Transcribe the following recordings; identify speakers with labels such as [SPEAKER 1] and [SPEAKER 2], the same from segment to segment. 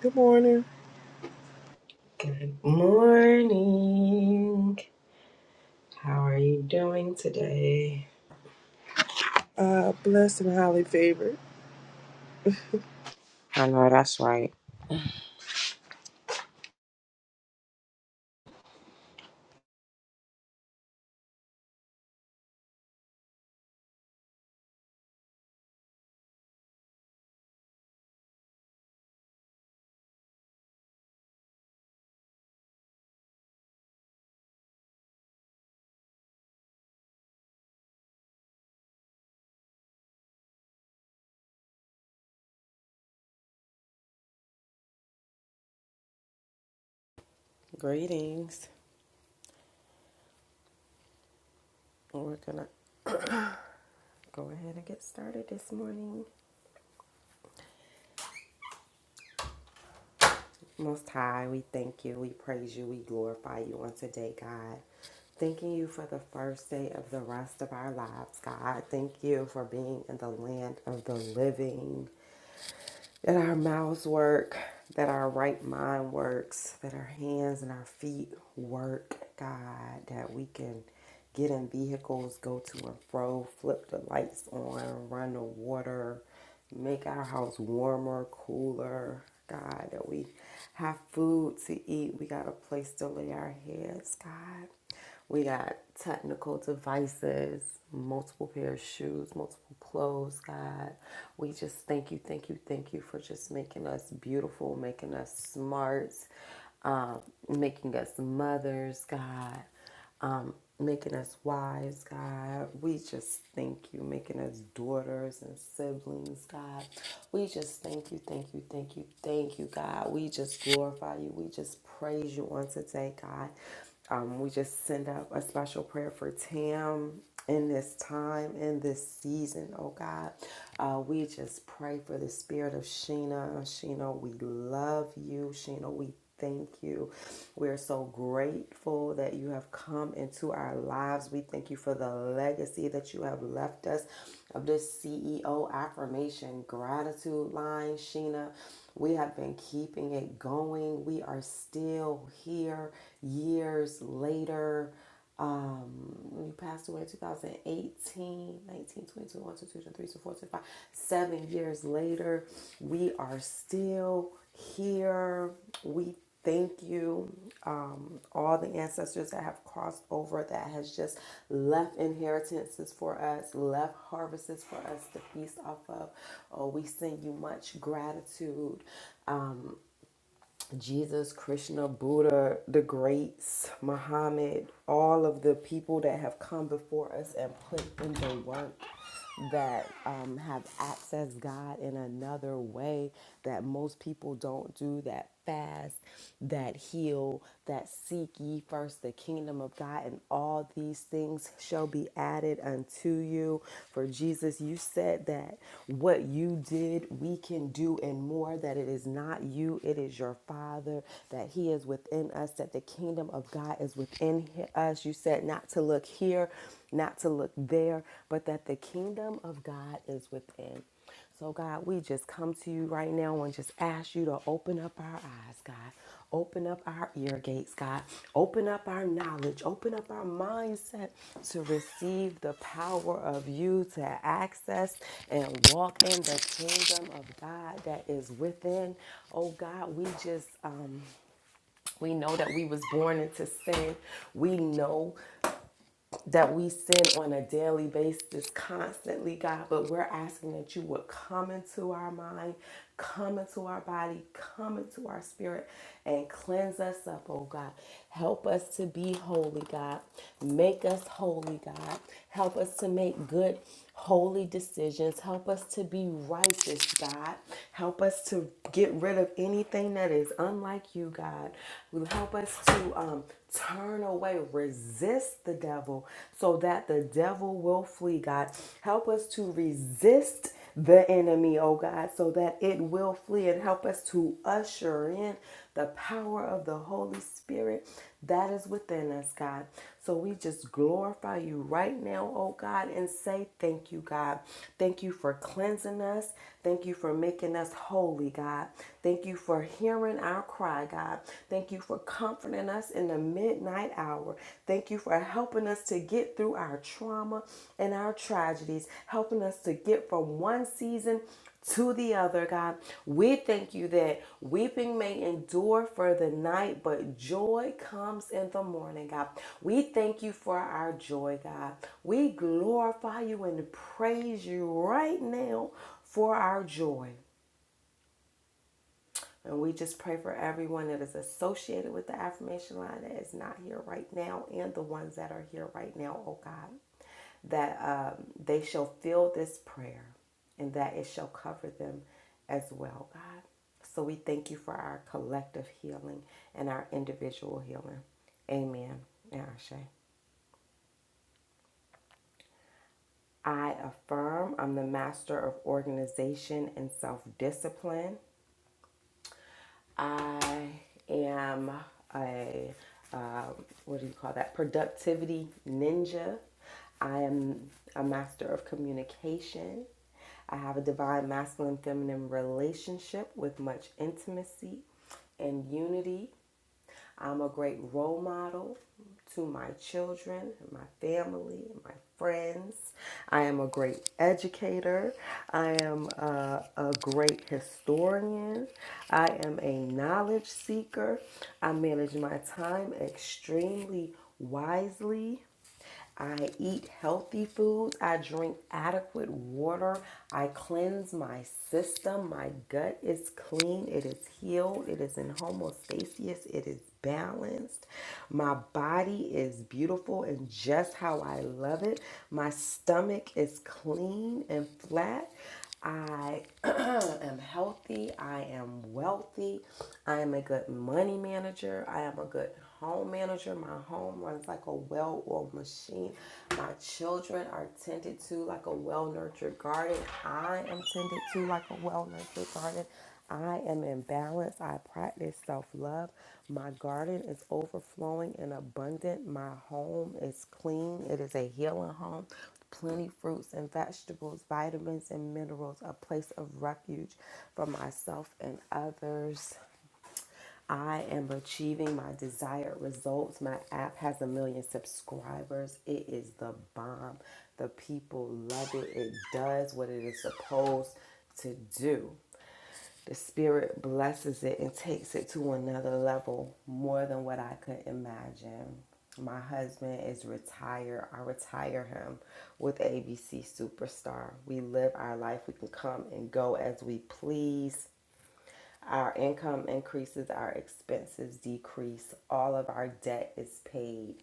[SPEAKER 1] Good morning.
[SPEAKER 2] Good morning. How are you doing today?
[SPEAKER 1] Uh, blessed and highly favored.
[SPEAKER 2] I know that's right. Greetings. We're gonna go ahead and get started this morning. Most High, we thank you, we praise you, we glorify you on today, God. Thanking you for the first day of the rest of our lives, God. Thank you for being in the land of the living. that our mouths work, that our right mind works, that our hands and our feet work, God, that we can get in vehicles, go to and fro, flip the lights on, run the water, Make our house warmer, cooler. God, that we have food to eat. We got a place to lay our heads. God, we got technical devices, multiple pairs of shoes, multiple clothes. God, we just thank you, thank you, thank you for just making us beautiful, making us smart, um, making us mothers. God um, making us wives, God. We just thank you, making us daughters and siblings, God. We just thank you, thank you, thank you, thank you, God. We just glorify you. We just praise you on today, God. Um, we just send up a special prayer for Tam in this time, in this season, oh God. Uh, we just pray for the spirit of Sheena. Sheena, we love you. Sheena, we thank you. We are so grateful that you have come into our lives. We thank you for the legacy that you have left us of this CEO affirmation gratitude line, Sheena. We have been keeping it going. We are still here years later. Um, you passed away in two thousand eighteen, 19, twenty, twenty-one, twenty-two, twenty-three, twenty-four, twenty-five, Seven years later, we are still here. We thank you. Um, all the ancestors that have crossed over, that has just left inheritances for us, left harvests for us to feast off of. Oh, we send you much gratitude. um. Jesus, Krishna, Buddha, the greats, Muhammad, all of the people that have come before us and put in the work that um, have accessed God in another way that most people don't do that fast, that heal, that seek ye first the kingdom of God and all these things shall be added unto you. For Jesus, you said that what you did, we can do and more, that it is not you, it is your Father, that He is within us, that the kingdom of God is within us. You said not to look here, not to look there, but that the kingdom of God is within. So, God, we just come to you right now and just ask you to open up our eyes, God. Open up our ear gates, God. Open up our knowledge. Open up our mindset to receive the power of you to access and walk in the kingdom of God that is within. Oh, God, we just, um, we know that we was born into sin. We know that we sin on a daily basis constantly, God, but we're asking that you would come into our mind, come into our body, come into our spirit, and cleanse us up, oh God. Help us to be holy, God. Make us holy, God. Help us to make good, holy decisions. Help us to be righteous, God. Help us to get rid of anything that is unlike you, God. Help us to um, Turn away, resist the devil so that the devil will flee, God. Help us to resist the enemy, oh God, so that it will flee and help us to usher in the power of the Holy Spirit that is within us, God. So we just glorify you right now, oh God, and say thank you, God. Thank you for cleansing us. Thank you for making us holy, God. Thank you for hearing our our cry, God. Thank you for comforting us in the midnight hour. Thank you for helping us to get through our trauma and our tragedies, helping us to get from one season to the other, God. We thank you that weeping may endure for the night, but joy comes in the morning, God. We thank you for our joy, God. We glorify you and praise you right now for our joy. And we just pray for everyone that is associated with the affirmation line that is not here right now and the ones that are here right now, oh God, that um, they shall feel this prayer and that it shall cover them as well, God. So we thank you for our collective healing and our individual healing. Amen. And Ashe. I affirm I'm the master of organization and self discipline. I am a, um, what do you call that? Productivity ninja. I am a master of communication. I have a divine masculine feminine relationship with much intimacy and unity. I'm a great role model to my children, my family, my friends. I am a great educator. I am a, a great historian. I am a knowledge seeker. I manage my time extremely wisely. I eat healthy foods. I drink adequate water. I cleanse my system. My gut is clean. It is healed. It is in homeostasis. It is balanced. My body is beautiful and just how I love it. My stomach is clean and flat. I am healthy. I am wealthy. I am a good money manager. I am a good home manager. My home runs like a well oiled machine. My children are tended to like a well nurtured garden. I am tended to like a well nurtured garden. I am in balance. I practice self love. My garden is overflowing and abundant. My home is clean. It is a healing home. Plenty fruits and vegetables, vitamins and minerals, a place of refuge for myself and others. I am achieving my desired results. My app has a million subscribers. It is the bomb. The people love it. It does what it is supposed to do the Spirit blesses it and takes it to another level more than what I could imagine. My husband is retired. I retire him with ABC Superstar. We live our life. We can come and go as we please. Our income increases, our expenses decrease, all of our debt is paid.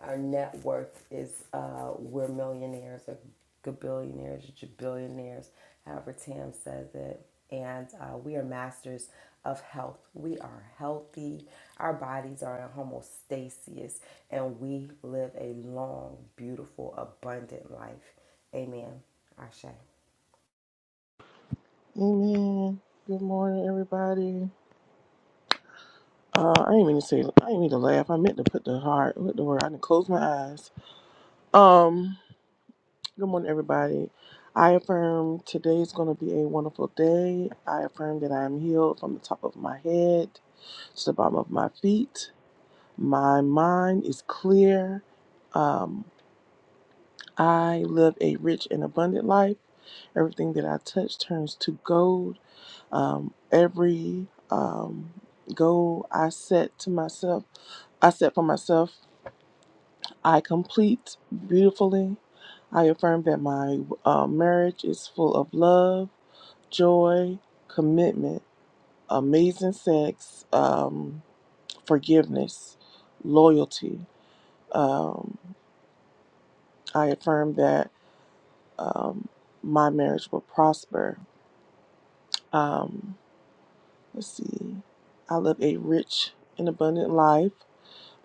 [SPEAKER 2] Our net worth is uh, we're millionaires or gabillionaires or jabillionaires, however Tam says it. And uh, we are masters of health. We are healthy. Our bodies are in homeostasis, and we live a long, beautiful, abundant life. Amen. Ashe.
[SPEAKER 1] Amen. Good morning, everybody. Uh, I didn't mean to say. I didn't mean to laugh. I meant to put the heart. What the word? I didn't close my eyes. Um. Good morning, everybody. I affirm today is going to be a wonderful day. I affirm that I am healed from the top of my head to the bottom of my feet. My mind is clear. Um, I live a rich and abundant life. Everything that I touch turns to gold. Um, every um, goal I set to myself, I set for myself, I complete beautifully. I affirm that my uh, marriage is full of love, joy, commitment, amazing sex, um, forgiveness, loyalty. Um, I affirm that um, my marriage will prosper. Um, let's see. I live a rich and abundant life.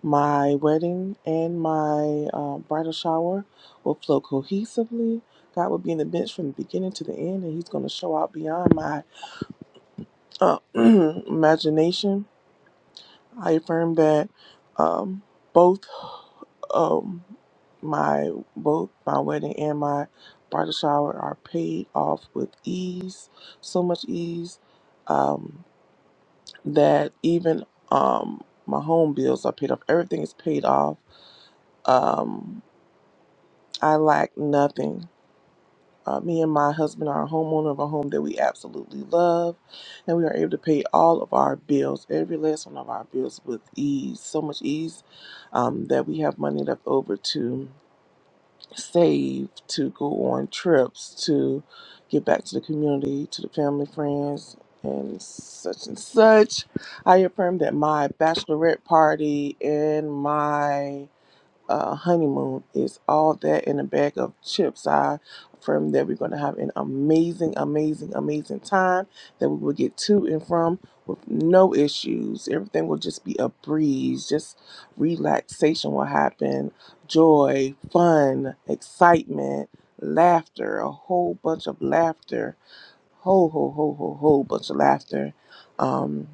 [SPEAKER 1] My wedding and my uh, bridal shower will flow cohesively. God will be in the midst from the beginning to the end, and He's going to show out beyond my uh, imagination. I affirm that um, both um, my both my wedding and my bridal shower are paid off with ease, so much ease um, that even um, my home bills are paid off. Everything is paid off. Um, I lack nothing. Uh, me and my husband are a homeowner of a home that we absolutely love, and we are able to pay all of our bills, every last one of our bills, with ease. So much ease um, that we have money left over to save, to go on trips, to give back to the community, to the family, friends, and such and such. I affirm that my bachelorette party and my uh, honeymoon is all that in a bag of chips. I affirm that we're going to have an amazing, amazing, amazing time that we will get to and from with no issues. Everything will just be a breeze. Just relaxation will happen, joy, fun, excitement, laughter, a whole bunch of laughter. Whole, whole, whole, whole, whole bunch of laughter. Um,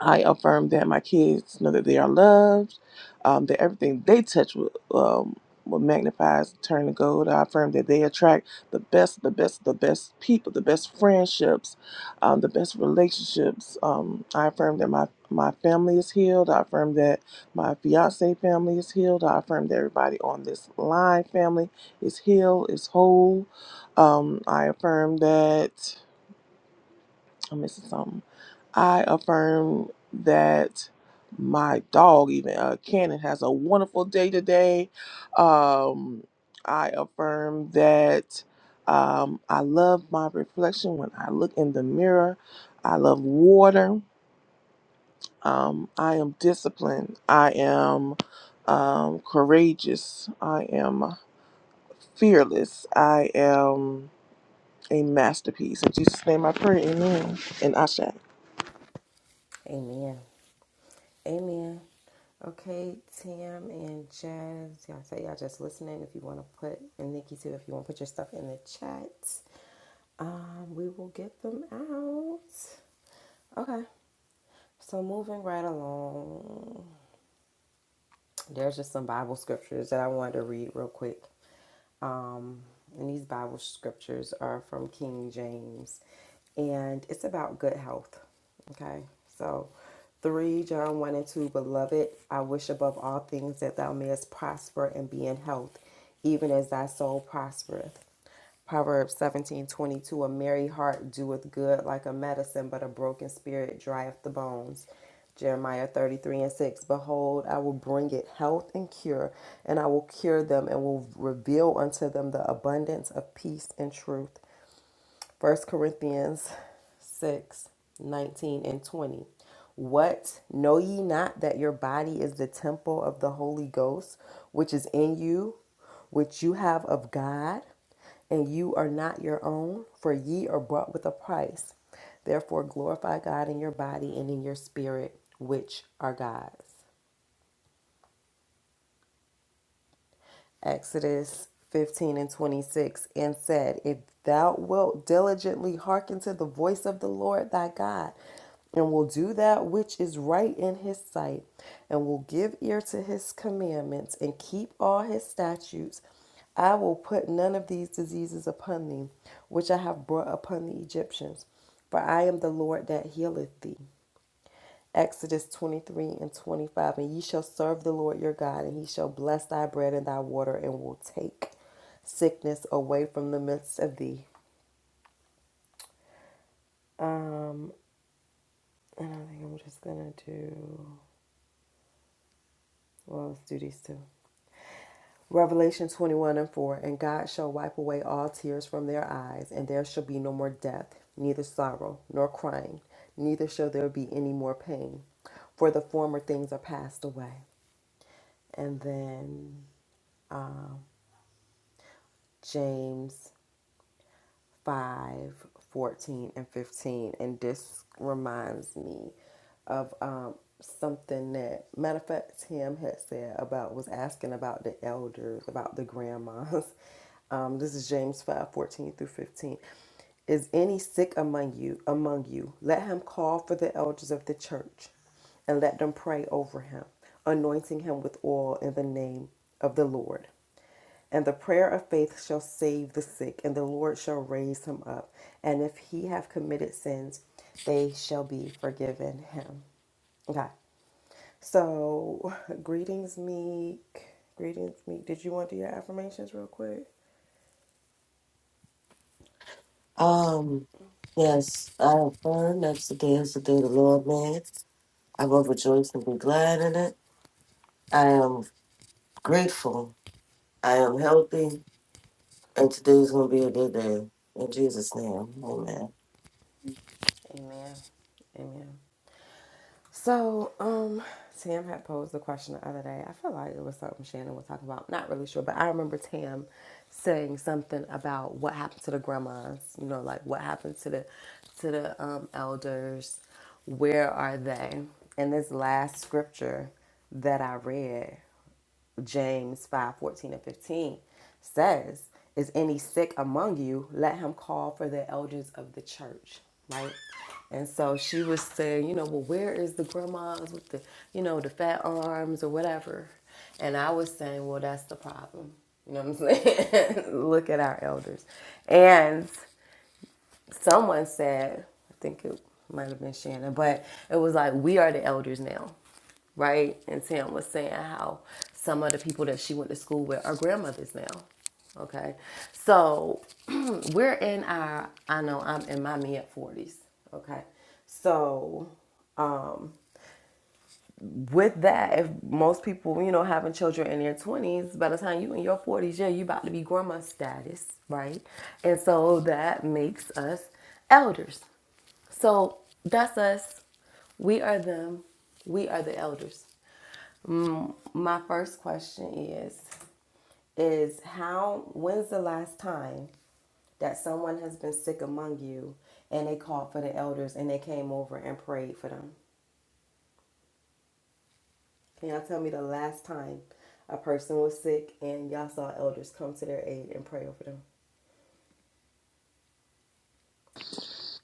[SPEAKER 1] I affirm that my kids know that they are loved, um, that everything they touch will, um, will magnifies, turn to gold. I affirm that they attract the best, the best, the best people, the best friendships, um, the best relationships. Um, I affirm that my my family is healed. I affirm that my fiance family is healed. I affirm that everybody on this line family is healed, is whole. Um, I affirm that I'm missing something. I affirm that my dog, even uh, Cannon, has a wonderful day today. Um, I affirm that um, I love my reflection when I look in the mirror. I love water. Um, I am disciplined. I am um, courageous. I am fearless. I am a masterpiece. In Jesus' name I pray. Amen. And Ashe.
[SPEAKER 2] Amen. Amen. Okay, Tam and Jazz, y'all say y'all just listening. If you want to put, and Nikki too, if you want to put your stuff in the chat, Um, we will get them out. Okay, so moving right along, there's just some Bible scriptures that I wanted to read real quick. Um, and these Bible scriptures are from King James, and it's about good health. Okay, so 3 John 1 and 2 Beloved, I wish above all things that thou mayest prosper and be in health, even as thy soul prospereth. Proverbs seventeen twenty two. A merry heart doeth good like a medicine, but a broken spirit drieth the bones. Jeremiah 33 and 6. Behold, I will bring it health and cure, and I will cure them and will reveal unto them the abundance of peace and truth. First Corinthians 6 19 and 20. What? Know ye not that your body is the temple of the Holy Ghost, which is in you, which you have of God, and you are not your own, for ye are bought with a price. Therefore glorify God in your body and in your spirit, which are God's. Exodus 15 and 26, and said, If thou wilt diligently hearken to the voice of the Lord thy God, and will do that which is right in his sight, and will give ear to his commandments, and keep all his statutes, I will put none of these diseases upon thee, which I have brought upon the Egyptians, for I am the Lord that healeth thee. Exodus 23 and 25. And ye shall serve the Lord your God, and he shall bless thy bread and thy water, and will take sickness away from the midst of thee. Um, and I think I'm just gonna do well, let's do these two. Revelation 21 and 4 And God shall wipe away all tears from their eyes, and there shall be no more death, neither sorrow, nor crying, neither shall there be any more pain, for the former things are passed away. And then James 5, 14, and 15. And this reminds me of um, something that, matter of fact, Tim had said about, was asking about the elders, about the grandmas. Um, this is James 5, 14 through 15. Is any sick among you, among you? Let him call for the elders of the church and let them pray over him, anointing him with oil in the name of the Lord. And the prayer of faith shall save the sick, and the Lord shall raise him up. And if he have committed sins, they shall be forgiven him. Okay. So, greetings, Meek. Greetings, Meek. Did you want to do your affirmations real quick?
[SPEAKER 3] Um, yes, I affirm that today is the day the Lord made. I will rejoice and be glad in it. I am grateful. I am healthy, and today is going to be a good day. In Jesus' name, amen.
[SPEAKER 2] Amen. Amen. So, um, Tam had posed the question the other day. I feel like it was something Shannon was talking about. I'm Not really sure, but I remember Tam saying something about what happened to the grandmas. You know, like what happened to the to the um, elders. Where are they? And this last scripture that I read James 5 14 and 15 says, Is any sick among you? Let him call for the elders of the church, right? And so she was saying, You know, well, where is the grandmas with the, you know, the fat arms or whatever? And I was saying, Well, that's the problem. You know what I'm saying? Look at our elders. And someone said, I think it might have been Shannon, but it was like, we are the elders now, right? And Tam was saying how some of the people that she went to school with are grandmothers now. Okay. So we're in our, I know I'm in my mid 40s. Okay. So with that, if most people, you know, having children in their twenties, by the time you in your forties, yeah, you about to be grandma status, right? And so that makes us elders. So that's us. We are them. We are the elders. My first question is is how when's the last time that someone has been sick among you and they called for the elders and they came over and prayed for them? Can y'all tell me the last time a person was sick and y'all saw elders come to their aid and pray over them?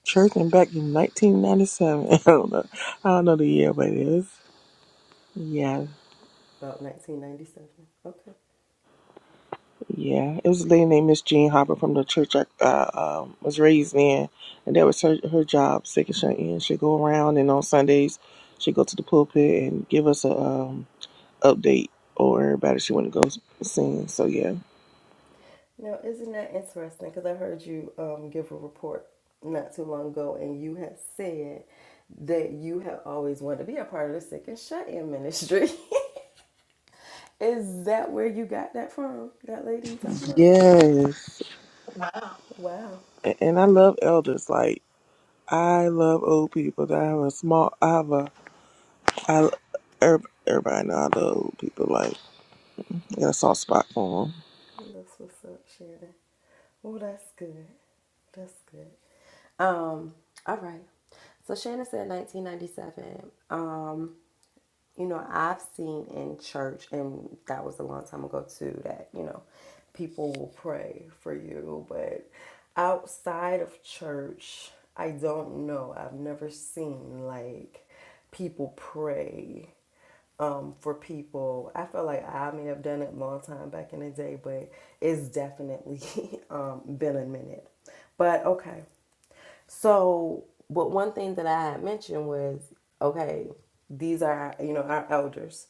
[SPEAKER 1] Churching back in 1997. I don't know. I don't know the year, but it is. Yeah,
[SPEAKER 2] About 1997. Okay.
[SPEAKER 1] yeah. It was a lady named Miss Jean Harper from the church I uh, um, was raised in, and that was her her job. Second shut in, she'd go around, and on Sundays, she'd go to the pulpit and give us a um, update on everybody she wanted to go sing. So yeah,
[SPEAKER 2] Now, isn't that interesting? Because I heard you um, give a report not too long ago, and you had said that you have always wanted to be a part of the Sick and Shut In ministry. Is that where you got that from? That lady you talking about?
[SPEAKER 1] yes.
[SPEAKER 2] Wow,
[SPEAKER 1] And, and I love elders. Like I love old people. I have a small. I have a. I everybody know I love old people. Like. Get a soft spot for them.
[SPEAKER 2] that's what's up, Shannon. Oh, that's good. That's good. Um, all right. So Shannon said 1997. Um, you know, I've seen in church, and that was a long time ago too, that, you know, people will pray for you. But outside of church, I don't know. I've never seen like people pray um, for people. I feel like I may have done it a long time back in the day, but it's definitely um, been a minute. But okay. So, but one thing that I had mentioned was okay, these are, you know, our elders.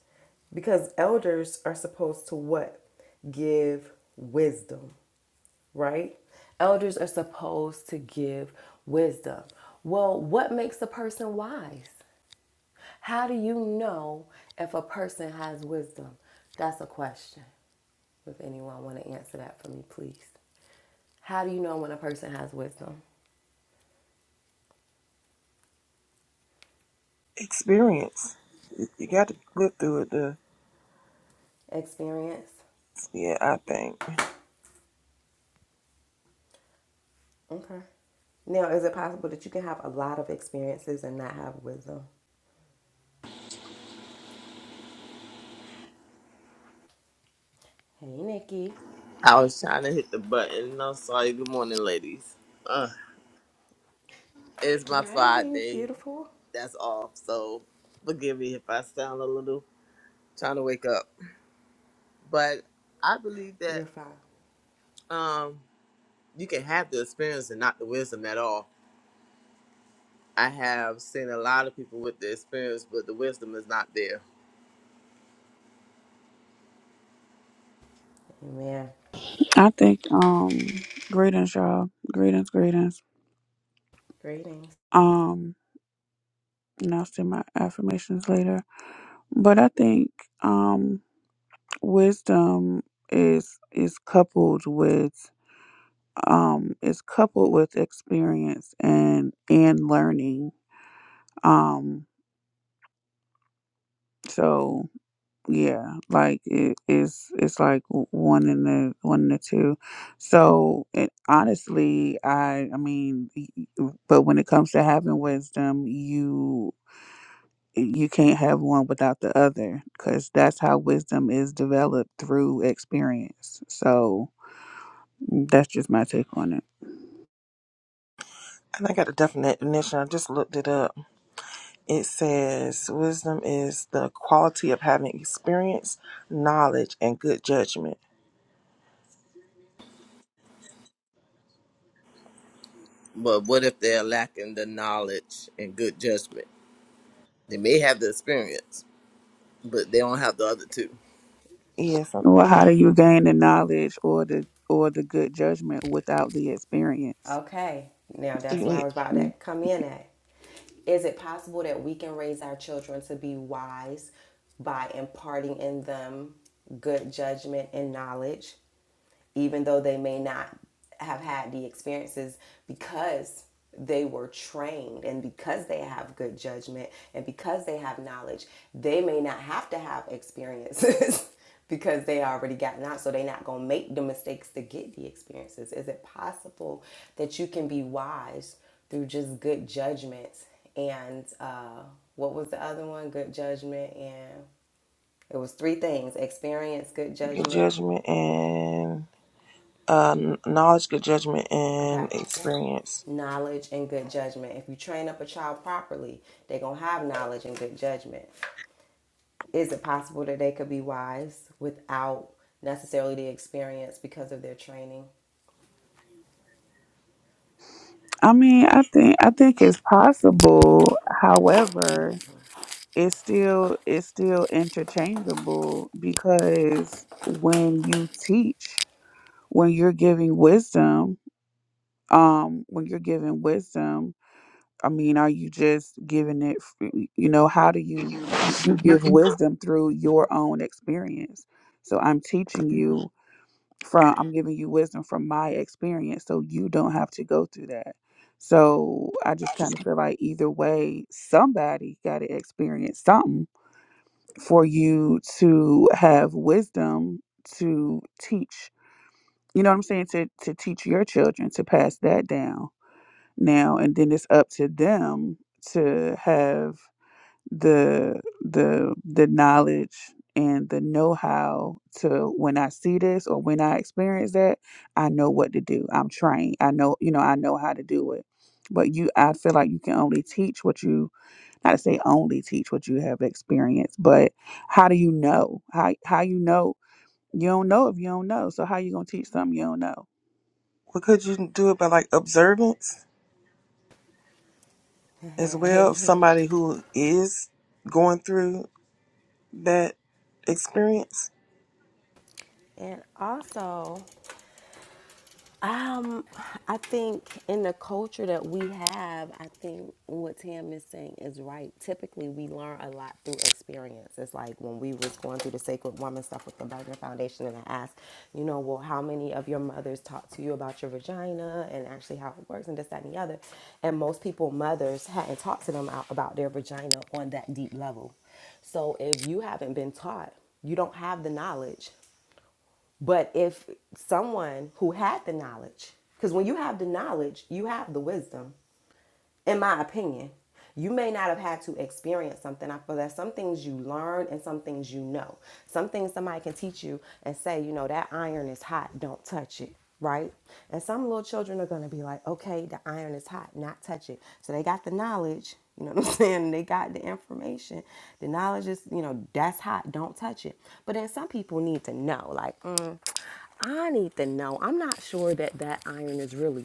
[SPEAKER 2] Because elders are supposed to what? Give wisdom, right? Elders are supposed to give wisdom. Well, what makes a person wise? How do you know if a person has wisdom? That's a question. If anyone want to answer that for me, please. How do you know when a person has wisdom?
[SPEAKER 1] Experience. You got to live through it to
[SPEAKER 2] Experience?
[SPEAKER 1] see it, I think.
[SPEAKER 2] Okay. Now, is it possible that you can have a lot of experiences and not have wisdom? Hey, Nikki.
[SPEAKER 4] I was trying to hit the button. I'm sorry. Good morning, ladies. Uh, it's my
[SPEAKER 2] Rising's
[SPEAKER 4] Friday.
[SPEAKER 2] beautiful.
[SPEAKER 4] That's off. So forgive me if I sound a little trying to wake up. But I believe that
[SPEAKER 2] You're fine.
[SPEAKER 4] um, you can have the experience and not the wisdom at all. I have seen a lot of people with the experience, but the wisdom is not there.
[SPEAKER 2] Amen.
[SPEAKER 5] I think um greetings, y'all. Greetings, greetings.
[SPEAKER 2] Greetings.
[SPEAKER 5] Um, and I'll say my affirmations later. But I think um wisdom is is coupled with um is coupled with experience and and learning. Um so yeah like it is it's it's like w- one in the one in the two so it, honestly i i mean y- y- but when it comes to having wisdom you you can't have one without the other because that's how wisdom is developed through experience so that's just my take on it
[SPEAKER 1] And I got a definition. I just looked it up. It says wisdom is the quality of having experience, knowledge, and good judgment.
[SPEAKER 4] But what if they're lacking the knowledge and good judgment? They may have the experience, but they don't have the other two.
[SPEAKER 1] Yes, I'm-
[SPEAKER 5] well
[SPEAKER 1] you
[SPEAKER 5] how do you gain the knowledge or the or the good judgment without the experience
[SPEAKER 2] Okay. Now
[SPEAKER 1] so you
[SPEAKER 2] that's where I
[SPEAKER 1] need
[SPEAKER 2] was about to come in at. Is it possible that we can raise our children to be wise by imparting in them good judgment and knowledge, even though they may not have had the experiences because they were trained and because they have good judgment and because they have knowledge, they may not have to have experiences because they already gotten out, so they're not gonna make the mistakes to get the experiences. Is it possible that you can be wise through just good judgment and uh, what was the other one? Good judgment and it was three things: experience, good
[SPEAKER 1] good
[SPEAKER 2] judgment.
[SPEAKER 1] judgment and um, knowledge, good judgment,
[SPEAKER 2] Okay,
[SPEAKER 1] and experience.
[SPEAKER 2] knowledge and good judgment. If you train up a child properly, they're gonna have knowledge and good judgment. Is it possible that they could be wise without necessarily the experience because of their training?
[SPEAKER 5] I mean, I think I think it's possible. However, it's still it's still interchangeable because when you teach, when you're giving wisdom, um, when you're giving wisdom, I mean, are you just giving it, f- you know, how do you, you give Mhm. wisdom through your own experience? So I'm teaching you from, I'm giving you wisdom from my experience so you don't have to go through that. So I just kind of feel like either way, somebody got to experience something for you to have wisdom to teach, you know what I'm saying? To, to teach your children to pass that down now and then it's up to them to have the the the knowledge and the know-how to when I see this or when I experience that, I know what to do. I'm trained. I know, you know, I know how to do it. But you I feel like you can only teach what you not to say only teach what you have experienced, but how do you know? How how you know you don't know if you don't know. So how you gonna teach something you don't know?
[SPEAKER 1] What could you do about like observance as well of somebody who is going through that experience?
[SPEAKER 2] And also, um, I think in the culture that we have, I think what Tam is saying is right. Typically, we learn a lot through experience. It's like when we was going through the Sacred Woman stuff with the Bergman Foundation, and I asked, you know, well, how many of your mothers talked to you about your vagina and actually how it works and this, that, and the other? And most people, mothers, hadn't talked to them out about their vagina on that deep level. So if you haven't been taught, you don't have the knowledge but if someone who had the knowledge, because when you have the knowledge, you have the wisdom, in my opinion. You may not have had to experience something. I feel that some things you learn and some things you know. Some things somebody can teach you and say, you know, that iron is hot, don't touch it, right? And some little children are gonna be like, okay, the iron is hot, not touch it. So they got the knowledge, you know what I'm saying? They got the information. The knowledge is, you know, that's hot, don't touch it. But then some people need to know, like, mm, I need to know. I'm not sure that that iron is really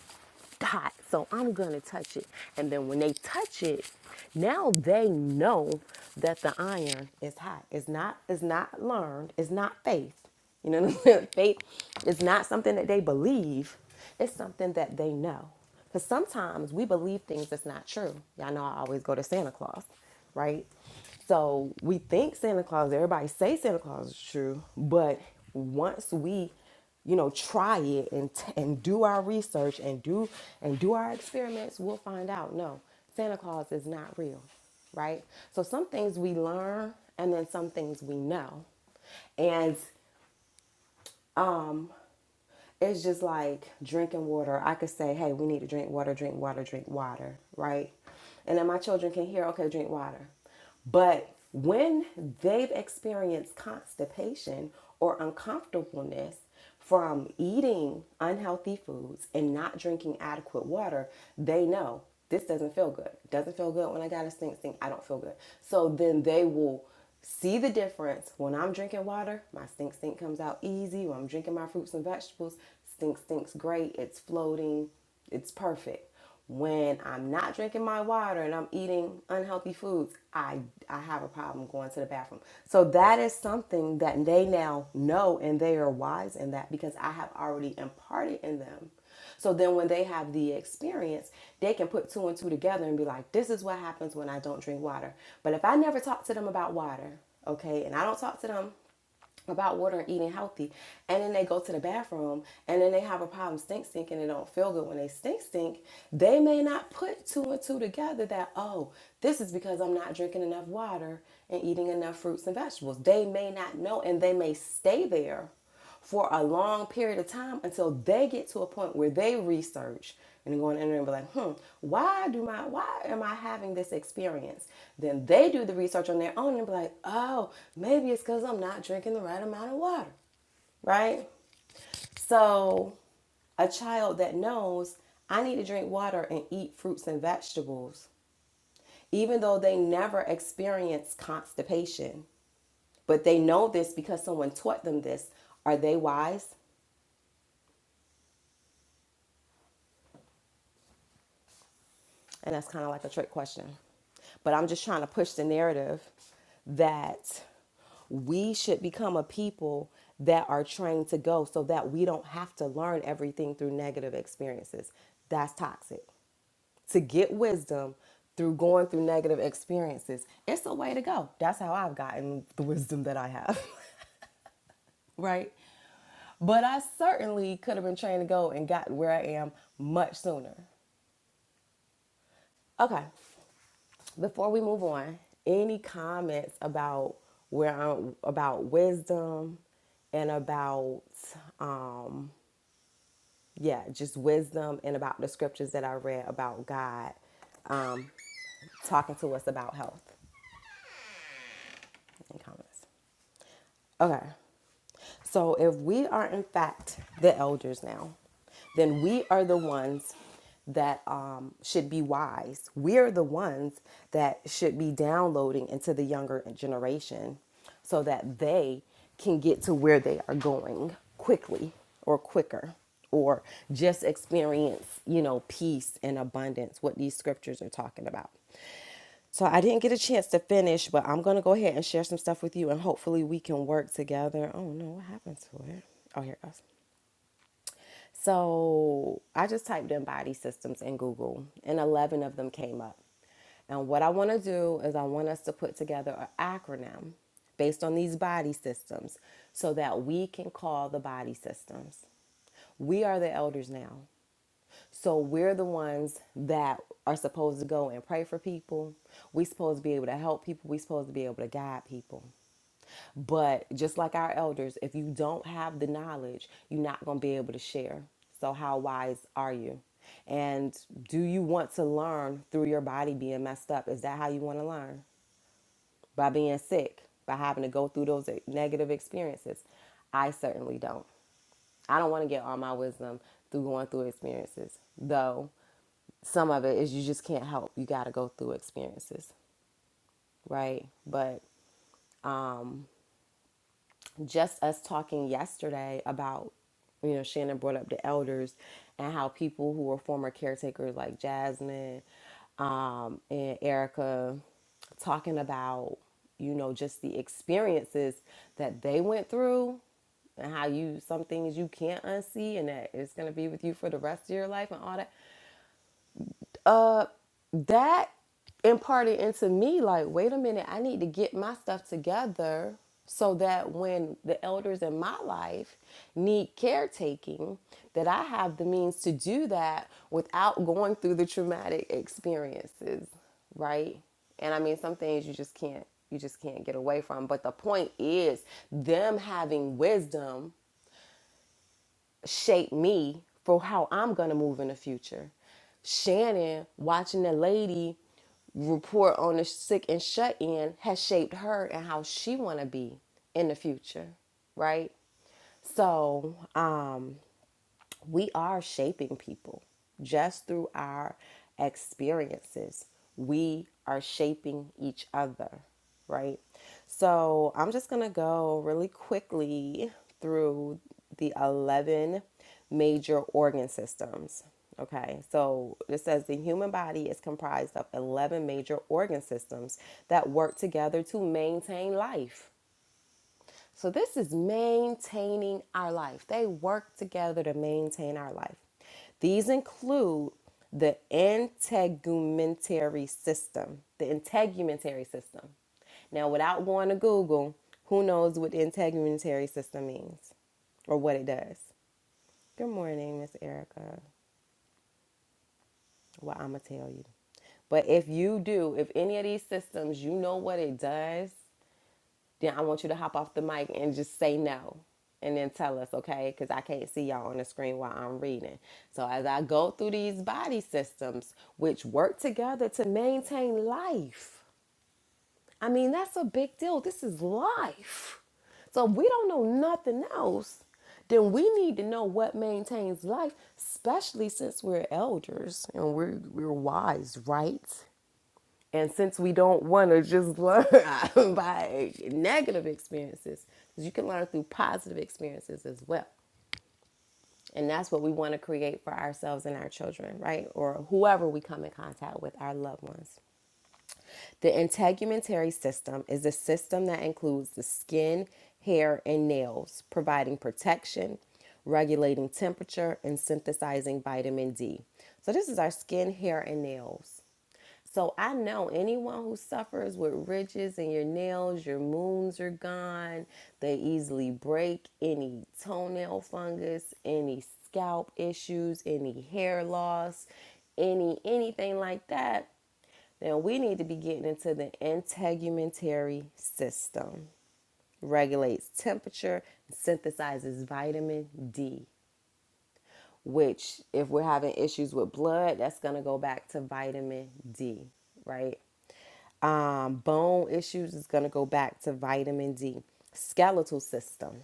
[SPEAKER 2] hot, so I'm gonna touch it. And then when they touch it, now they know that the iron is hot. It's not. It's not learned. It's not faith. You know, what I'm saying? faith is not something that they believe. It's something that they know. Because sometimes we believe things that's not true. Y'all know I always go to Santa Claus right? So we think Santa Claus, everybody say Santa Claus is true, but once we, you know, try it and t- and do our research and do and do our experiments, we'll find out no, Santa Claus is not real, right? So some things we learn and then some things we know. And it's just like drinking water. I could say, hey, we need to drink water, drink water, drink water, right? And then my children can hear, okay, drink water. But when they've experienced constipation or uncomfortableness from eating unhealthy foods and not drinking adequate water, they know this doesn't feel good. Doesn't feel good when I got a stink stink. I don't feel good. So then they will see the difference. When I'm drinking water, my stink stink comes out easy. When I'm drinking my fruits and vegetables, stink stink's great. It's floating, it's perfect. When I'm not drinking my water and I'm eating unhealthy foods, I, I have a problem going to the bathroom. So that is something that they now know and they are wise in that because I have already imparted in them so then when they have the experience, they can put two and two together and be like, this is what happens when I don't drink water. But if I never talk to them about water, okay, and I don't talk to them about water and eating healthy, and then they go to the bathroom and then they have a problem stink stink and they don't feel good when they stink stink, they may not put two and two together that, oh, this is because I'm not drinking enough water and eating enough fruits and vegetables. They may not know and they may stay there for a long period of time until they get to a point where they research and go on the internet and be like, hmm, why do my why am I having this experience? Then they do the research on their own and be like, oh, maybe it's because I'm not drinking the right amount of water. Right? So a child that knows I need to drink water and eat fruits and vegetables, even though they never experience constipation, but they know this because someone taught them this. Are they wise? And that's kind of like a trick question. But I'm just trying to push the narrative that we should become a people that are trained to go so that we don't have to learn everything through negative experiences. That's toxic. To get wisdom through going through negative experiences, it's a way to go. That's how I've gotten the wisdom that I have, right? But I certainly could have been trained to go and got where I am much sooner. Okay. Before we move on, any comments about where I'm, about wisdom and about um yeah, just wisdom and about the scriptures that I read about God um talking to us about health Any comments. Okay. So if we are in fact the elders now, then we are the ones that um, should be wise. We are the ones that should be downloading into the younger generation so that they can get to where they are going quickly or quicker or just experience, you know, peace and abundance, what these scriptures are talking about. So I didn't get a chance to finish, but I'm gonna go ahead and share some stuff with you, and hopefully we can work together. Oh no, what happened to it? Oh, here it goes. So I just typed in body systems in Google, and 11 of them came up. And what I want to do is I want us to put together an acronym based on these body systems, so that we can call the body systems. We are the elders now. So we're the ones that are supposed to go and pray for people. we are supposed to be able to help people. we are supposed to be able to guide people. But just like our elders, if you don't have the knowledge, you're not going to be able to share. So, how wise are you? And do you want to learn through your body being messed up? Is that how you want to learn? By being sick, by having to go through those negative experiences? I certainly don't. I don't want to get all my wisdom through going through experiences, though some of it is you just can't help. You got to go through experiences, right? But just us talking yesterday about you know shannon brought up the elders and how people who were former caretakers like jasmine um, and erica talking about you know just the experiences that they went through and how you some things you can't unsee and that it's going to be with you for the rest of your life and all that that imparted into me like wait a minute i need to get my stuff together so that when the elders in my life need caretaking that i have the means to do that without going through the traumatic experiences right and i mean some things you just can't you just can't get away from but the point is them having wisdom shape me for how I'm going to move in the future. Shannon watching the lady report on the sick and shut in has shaped her and how she want to be in the future, right? So, um, we are shaping people just through our experiences. We are shaping each other, right? So I'm just going to go really quickly through the 11 major organ systems. Okay, so it says the human body is comprised of 11 major organ systems that work together to maintain life. So this is maintaining our life. They work together to maintain our life. These include the integumentary system, the integumentary system. Now, without going to Google, who knows what the integumentary system means or what it does? Good morning, Miss Erica. Well, I'm gonna tell you. But if you do, if any of these systems, you know what it does, then I want you to hop off the mic and just say no and then tell us, okay? Because I can't see y'all on the screen while I'm reading. So as I go through these body systems, which work together to maintain life, I mean, that's a big deal. This is life. So if we don't know nothing else, then we need to know what maintains life, especially since we're elders and we're, we're wise, right? And since we don't want to just learn by negative experiences, because you can learn through positive experiences as well. And that's what we want to create for ourselves and our children, right? Or whoever we come in contact with, our loved ones. The integumentary system is a system that includes the skin, hair, and nails, providing protection, regulating temperature, and synthesizing vitamin D. So, this is our skin, hair, and nails. So I know anyone who suffers with ridges in your nails, your moons are gone. They easily break any toenail fungus, any scalp issues, any hair loss, any anything like that. Then we need to be getting into the integumentary system. Regulates temperature, synthesizes vitamin D, which if we're having issues with blood, that's going to go back to vitamin D right? Um, bone issues is going to go back to vitamin D. Skeletal system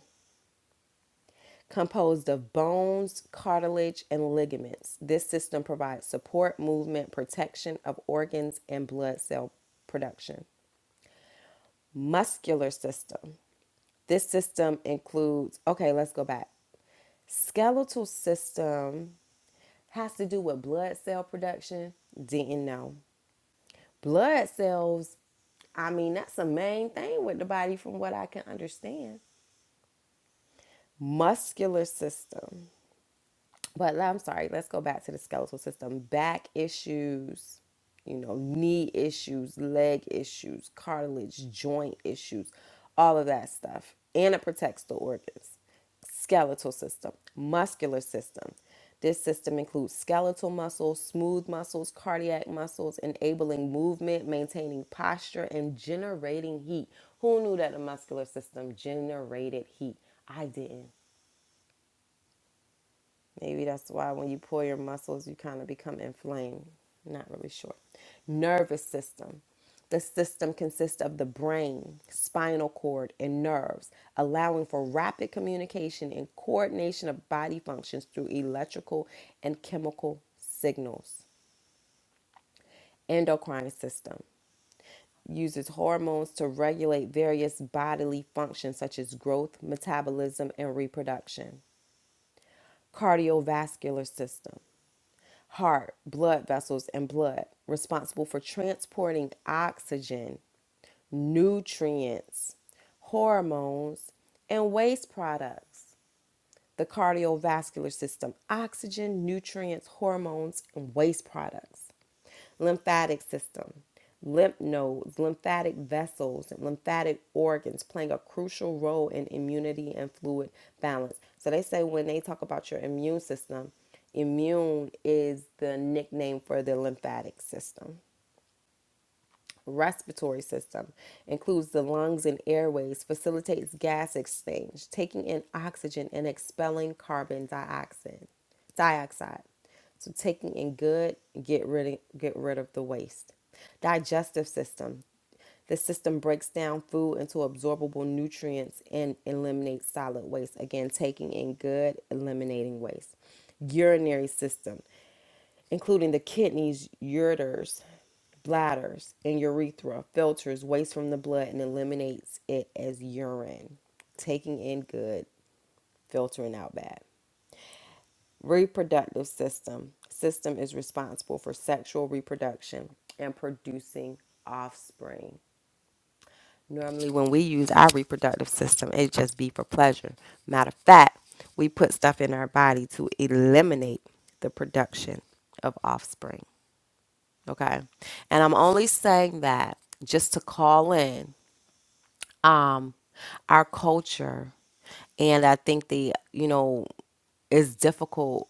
[SPEAKER 2] composed of bones, cartilage, and ligaments. This system provides support, movement, protection of organs, and blood cell production. Muscular system. This system includes, okay, let's go back. Skeletal system has to do with blood cell production. Didn't know. Blood cells I mean, that's the main thing with the body, from what I can understand. muscular system. But I'm sorry, let's go back to the skeletal system. Back issues, you know, knee issues, leg issues, cartilage, joint issues, all of that stuff. And it protects the organs. Skeletal system, muscular system. This system includes skeletal muscles, smooth muscles, cardiac muscles, enabling movement, maintaining posture, and generating heat. Who knew that the muscular system generated heat? I didn't. Maybe that's why when you pull your muscles, you kind of become inflamed. Not really sure. Nervous system. The system consists of the brain, spinal cord, and nerves, allowing for rapid communication and coordination of body functions through electrical and chemical signals. Endocrine system uses hormones to regulate various bodily functions such as growth, metabolism, and reproduction. Cardiovascular system heart, blood vessels, and blood, responsible for transporting oxygen, nutrients, hormones, and waste products the cardiovascular system, oxygen, nutrients, hormones, and waste products. Lymphatic system, lymph nodes, lymphatic vessels, and lymphatic organs playing a crucial role in immunity and fluid balance. So they say when they talk about your immune system, immune is the nickname for the lymphatic system respiratory system, includes the lungs and airways, facilitates gas exchange, taking in oxygen and expelling carbon dioxide. Dioxide. So taking in good, get rid of, get rid of the waste. Digestive system. The system breaks down food into absorbable nutrients and eliminates solid waste. Again, taking in good, eliminating waste. Urinary system including the kidneys, ureters, bladders, and urethra, filters waste from the blood and eliminates it as urine, taking in good, filtering out bad. Reproductive system system is responsible for sexual reproduction and producing offspring. Normally, when we use our reproductive system, it just be for pleasure. Matter of fact, we put stuff in our body to eliminate the production of offspring. Okay. And I'm only saying that just to call in um our culture and I think the you know it's difficult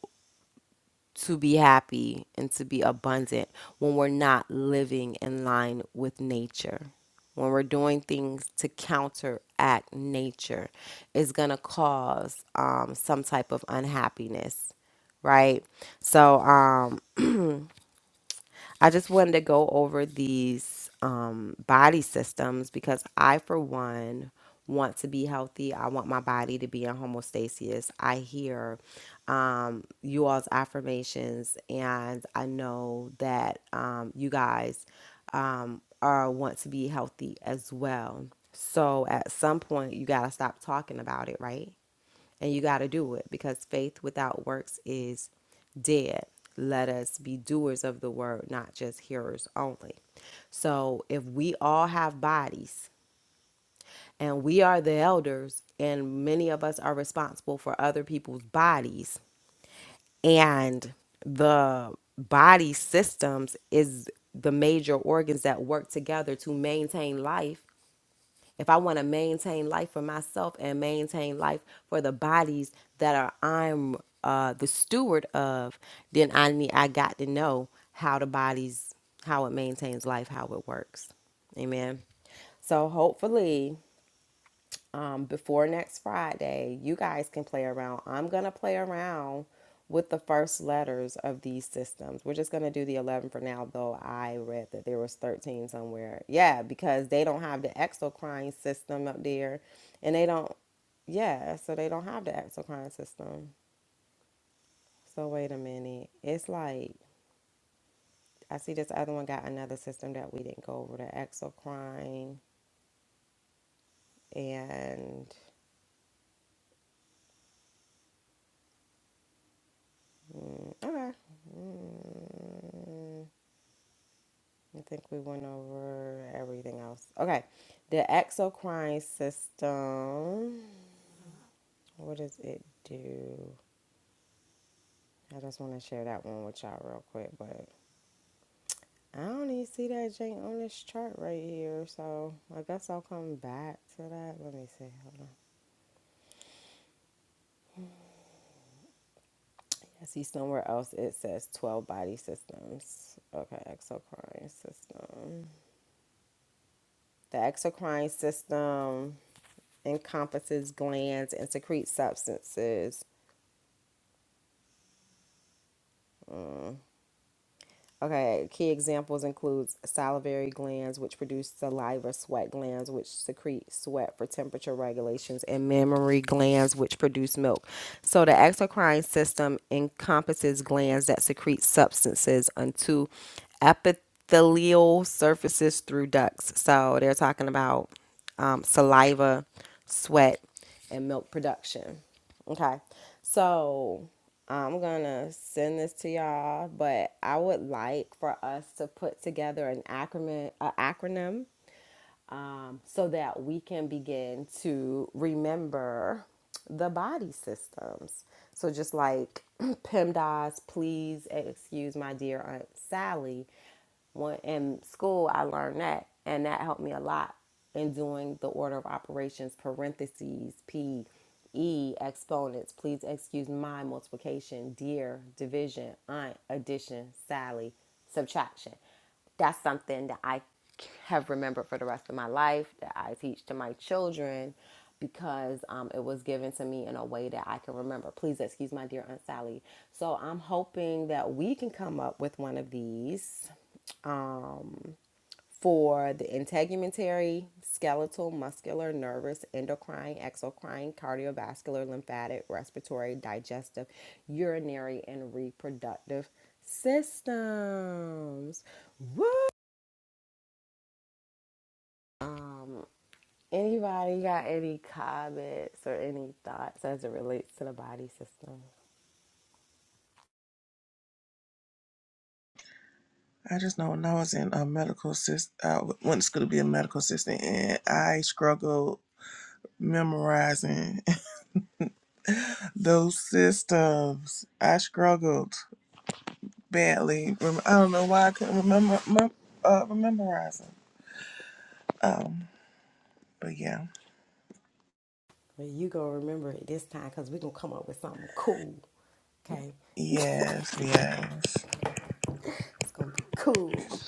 [SPEAKER 2] to be happy and to be abundant when we're not living in line with nature. When we're doing things to counteract nature, is gonna cause um, some type of unhappiness, right? So, um, I just wanted to go over these um, body systems because I, for one, want to be healthy. I want my body to be in homeostasis. I hear um, you all's affirmations, and I know that um, you guys um, are want to be healthy as well. So at some point, you gotta stop talking about it, right? And you got to do it because faith without works is dead. Let us be doers of the word, not just hearers only. So if we all have bodies and we are the elders, and many of us are responsible for other people's bodies, and the body systems is the major organs that work together to maintain life if I want to maintain life for myself and maintain life for the bodies that are I'm uh, the steward of, then I need I got to know how the bodies, how it maintains life, how it works. Amen. So hopefully um, before next Friday, you guys can play around. I'm going to play around with the first letters of these systems. We're just going to do the 11 for now, though I read that there was 13 somewhere. Yeah, because they don't have the exocrine system up there. And they don't, yeah, so they don't have the exocrine system. So wait a minute. It's like, I see this other one got another system that we didn't go over, the exocrine. And, mm, okay. Mm. I think we went over everything else. Okay. The exocrine system. What does it do? I just want to share that one with y'all real quick, but I don't even see that jank on this chart right here. So I guess I'll come back to that. Let me see. Hold on. I see somewhere else it says 12 body systems. Okay, exocrine system. The exocrine system encompasses glands and secrete substances Okay, key examples includes salivary glands, which produce saliva, sweat glands, which secrete sweat for temperature regulations, and mammary glands, which produce milk. So the exocrine system encompasses glands that secrete substances onto epithelial surfaces through ducts. So they're talking about um, saliva, sweat, and milk production. Okay. So I'm gonna send this to y'all, but I would like for us to put together an acronym, An acronym um, so that we can begin to remember the body systems. So just like PEMDAS, please excuse my dear Aunt Sally. When in school, I learned that, and that helped me a lot in doing the order of operations parentheses P E exponents. Please excuse my multiplication, dear division, aunt addition, Sally subtraction. That's something that I have remembered for the rest of my life that I teach to my children because um, it was given to me in a way that I can remember. Please excuse my dear Aunt Sally. So I'm hoping that we can come up with one of these um, for the integumentary, skeletal, muscular, nervous, endocrine, exocrine, cardiovascular, lymphatic, respiratory, digestive, urinary, and reproductive systems. Um, anybody got any comments or any thoughts as it relates to the body system?
[SPEAKER 1] I just know when I was in a medical assist, I went to school to be a medical assistant, and I struggled memorizing those systems. I struggled badly. Rem- I don't know why I couldn't remember mem- uh, memorizing. Um, but yeah,
[SPEAKER 2] But you gonna remember it this time because we gonna come up with something cool. Okay,
[SPEAKER 1] yes, yes.
[SPEAKER 2] it's gonna be cool.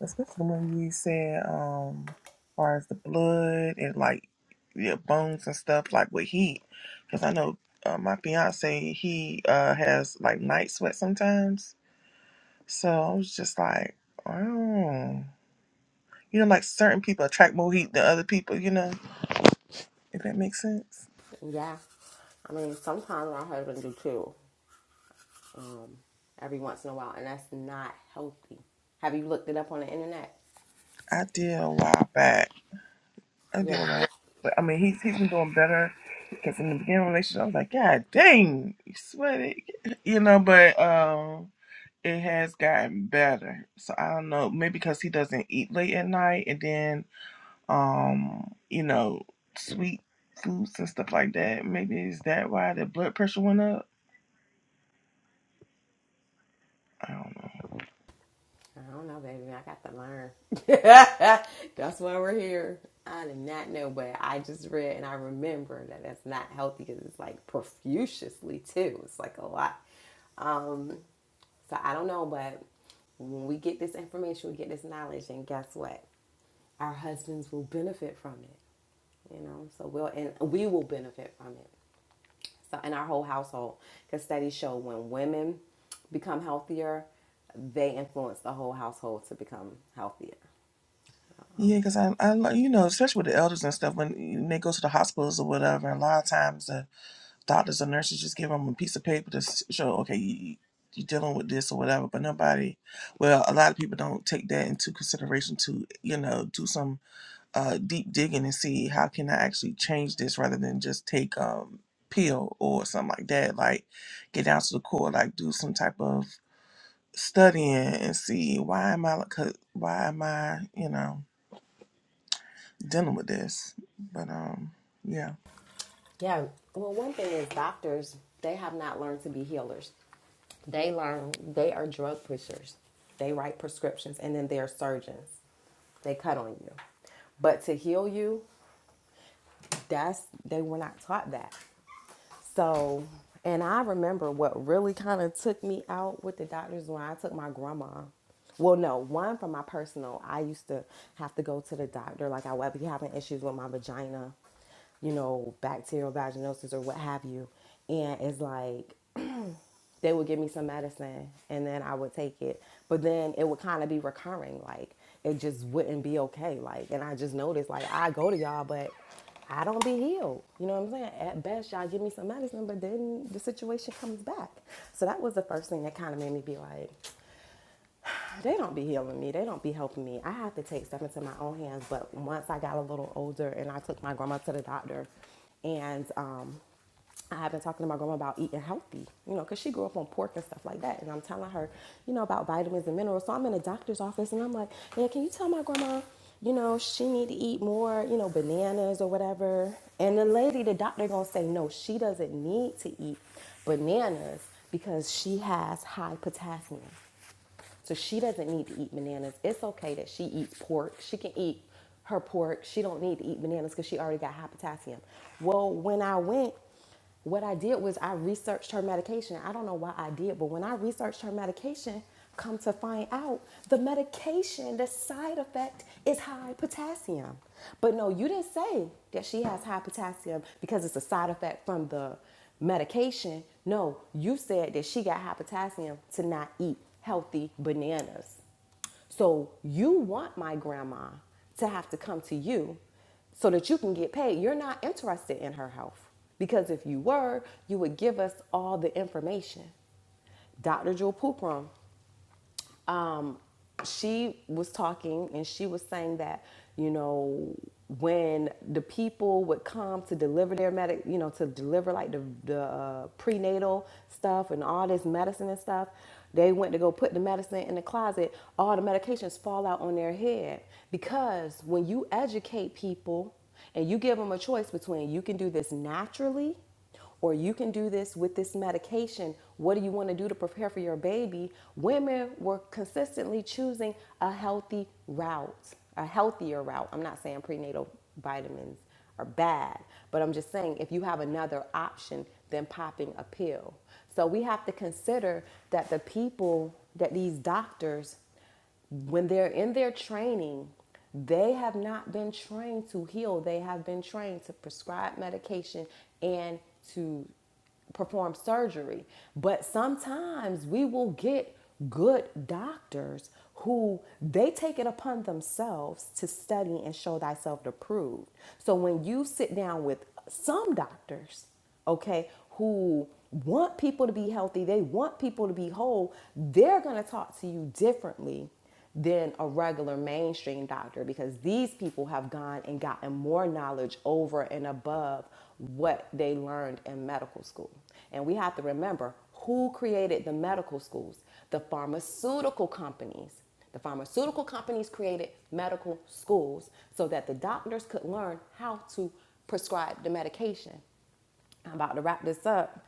[SPEAKER 1] Especially when you said, um, far as the blood and like your bones and stuff, like with heat. Because I know uh, my fiance, he uh, has like night sweat sometimes. So I was just like, oh, you know, like certain people attract more heat than other people, you know, if that makes sense.
[SPEAKER 2] Yeah, I mean, sometimes my husband do too. Um, every once in a while, and that's not healthy. Have you looked it up on the internet?
[SPEAKER 1] I did a while back. I did a
[SPEAKER 2] Yeah.
[SPEAKER 1] while back. But I mean, he's, he's been doing better because in the beginning of the relationship, I was like, God dang, you sweaty, you know, but. um. it has gotten better. So I don't know, maybe because he doesn't eat late at night and then um, you know, sweet foods and stuff like that. Maybe is that why the blood pressure went up? I don't know.
[SPEAKER 2] I don't know, baby. I got to learn. that's why we're here. I did not know, but I just read and I remember that that's not healthy because it's like profusely too. It's like a lot. Um, so I don't know, but when we get this information, we get this knowledge, and guess what? Our husbands will benefit from it. You know, so we'll and we will benefit from it. So in our whole household, because studies show when women become healthier, they influence the whole household to become healthier.
[SPEAKER 1] Yeah, because I, I, lo- you know, especially with the elders and stuff, when they go to the hospitals or whatever, a lot of times the doctors or nurses just give them a piece of paper to s- show, okay, you, you're dealing with this or whatever. But nobody, well, a lot of people don't take that into consideration to, you know, do some uh, deep digging and see how can I actually change this rather than just take um pill or something like that. Like get down to the core, like do some type of studying and see why am I like, 'cause- why am I you know dealing with this. But um yeah,
[SPEAKER 2] Yeah. Well, one thing is doctors, they have not learned to be healers. They learn they are drug pushers. They write prescriptions and then they're surgeons. They cut on you. But to heal you, that's they were not taught that. So, and I remember what really kind of took me out with the doctors when I took my grandma. Well, no, one from my personal, I used to have to go to the doctor. Like I would be having issues with my vagina, you know, bacterial vaginosis or what have you. And it's like they would give me some medicine and then I would take it. But then it would kind of be recurring. Like it just wouldn't be okay. Like, and I just noticed, like, I go to y'all, but I don't be healed. You know what I'm saying? At best, y'all give me some medicine, but then the situation comes back. So that was the first thing that kind of made me be like, they don't be healing me. They don't be helping me. I have to take stuff into my own hands. But once I got a little older and I took my grandma to the doctor, and um, I have been talking to my grandma about eating healthy, you know, because she grew up on pork and stuff like that. And I'm telling her, you know, about vitamins and minerals. So I'm in a doctor's office and I'm like, yeah, can you tell my grandma, you know, she need to eat more, you know, bananas or whatever. And the lady, the doctor gonna say, no, she doesn't need to eat bananas because she has high potassium. So she doesn't need to eat bananas. It's okay that she eats pork. She can eat her pork. She don't need to eat bananas because she already got high potassium. Well, when I went, what I did was I researched her medication. I don't know why I did, but when I researched her medication, come to find out the medication, the side effect is high potassium. But no, you didn't say that she has high potassium because it's a side effect from the medication. No, you said that she got high potassium to not eat healthy bananas. So you want my grandma to have to come to you so that you can get paid. You're not interested in her health because if you were, you would give us all the information. Dr. Jewel Pooprum she was talking and she was saying that you know when the people would come to deliver their medic you know to deliver like the, the uh, prenatal stuff and all this medicine and stuff they went to go put the medicine in the closet all the medications fall out on their head because when you educate people and you give them a choice between you can do this naturally or you can do this with this medication. What do you want to do to prepare for your baby? Women were consistently choosing a healthy route, a healthier route. I'm not saying prenatal vitamins are bad, but I'm just saying if you have another option than popping a pill. So we have to consider that the people, that these doctors when they're in their training, they have not been trained to heal. They have been trained to prescribe medication and to perform surgery. But sometimes we will get good doctors who they take it upon themselves to study and show thyself approved. So when you sit down with some doctors, okay, who want people to be healthy, they want people to be whole, they're going to talk to you differently than a regular mainstream doctor because these people have gone and gotten more knowledge over and above what they learned in medical school. And we have to remember who created the medical schools? The pharmaceutical companies. The pharmaceutical companies created medical schools so that the doctors could learn how to prescribe the medication. I'm about to wrap this up.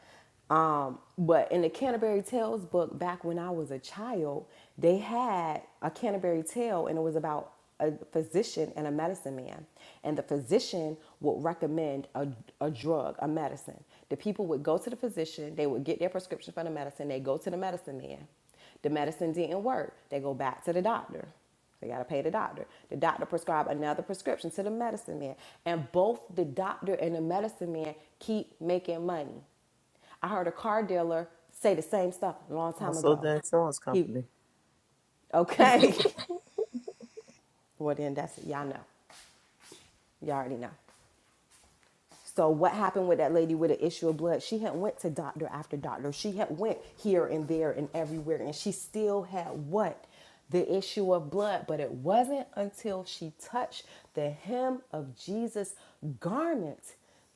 [SPEAKER 2] Um, but in the Canterbury Tales book, back when I was a child, they had a Canterbury Tale, and it was about a physician and a medicine man. And the physician would recommend a, a drug, a medicine. The people would go to the physician, they would get their prescription for the medicine, they go to the medicine man. The medicine didn't work, they go back to the doctor. They got to pay the doctor. The doctor prescribed another prescription to the medicine man. And both the doctor and the medicine man keep making money I heard a car dealer say the same stuff a long time
[SPEAKER 4] Also,
[SPEAKER 2] ago.
[SPEAKER 4] the insurance
[SPEAKER 2] He,
[SPEAKER 4] company.
[SPEAKER 2] okay. well, then that's it. Y'all know. Y'all already know. So what happened with that lady with an issue of blood? She had went to doctor after doctor. She had went here and there and everywhere, and she still had what? The issue of blood. But it wasn't until she touched the hem of Jesus' garment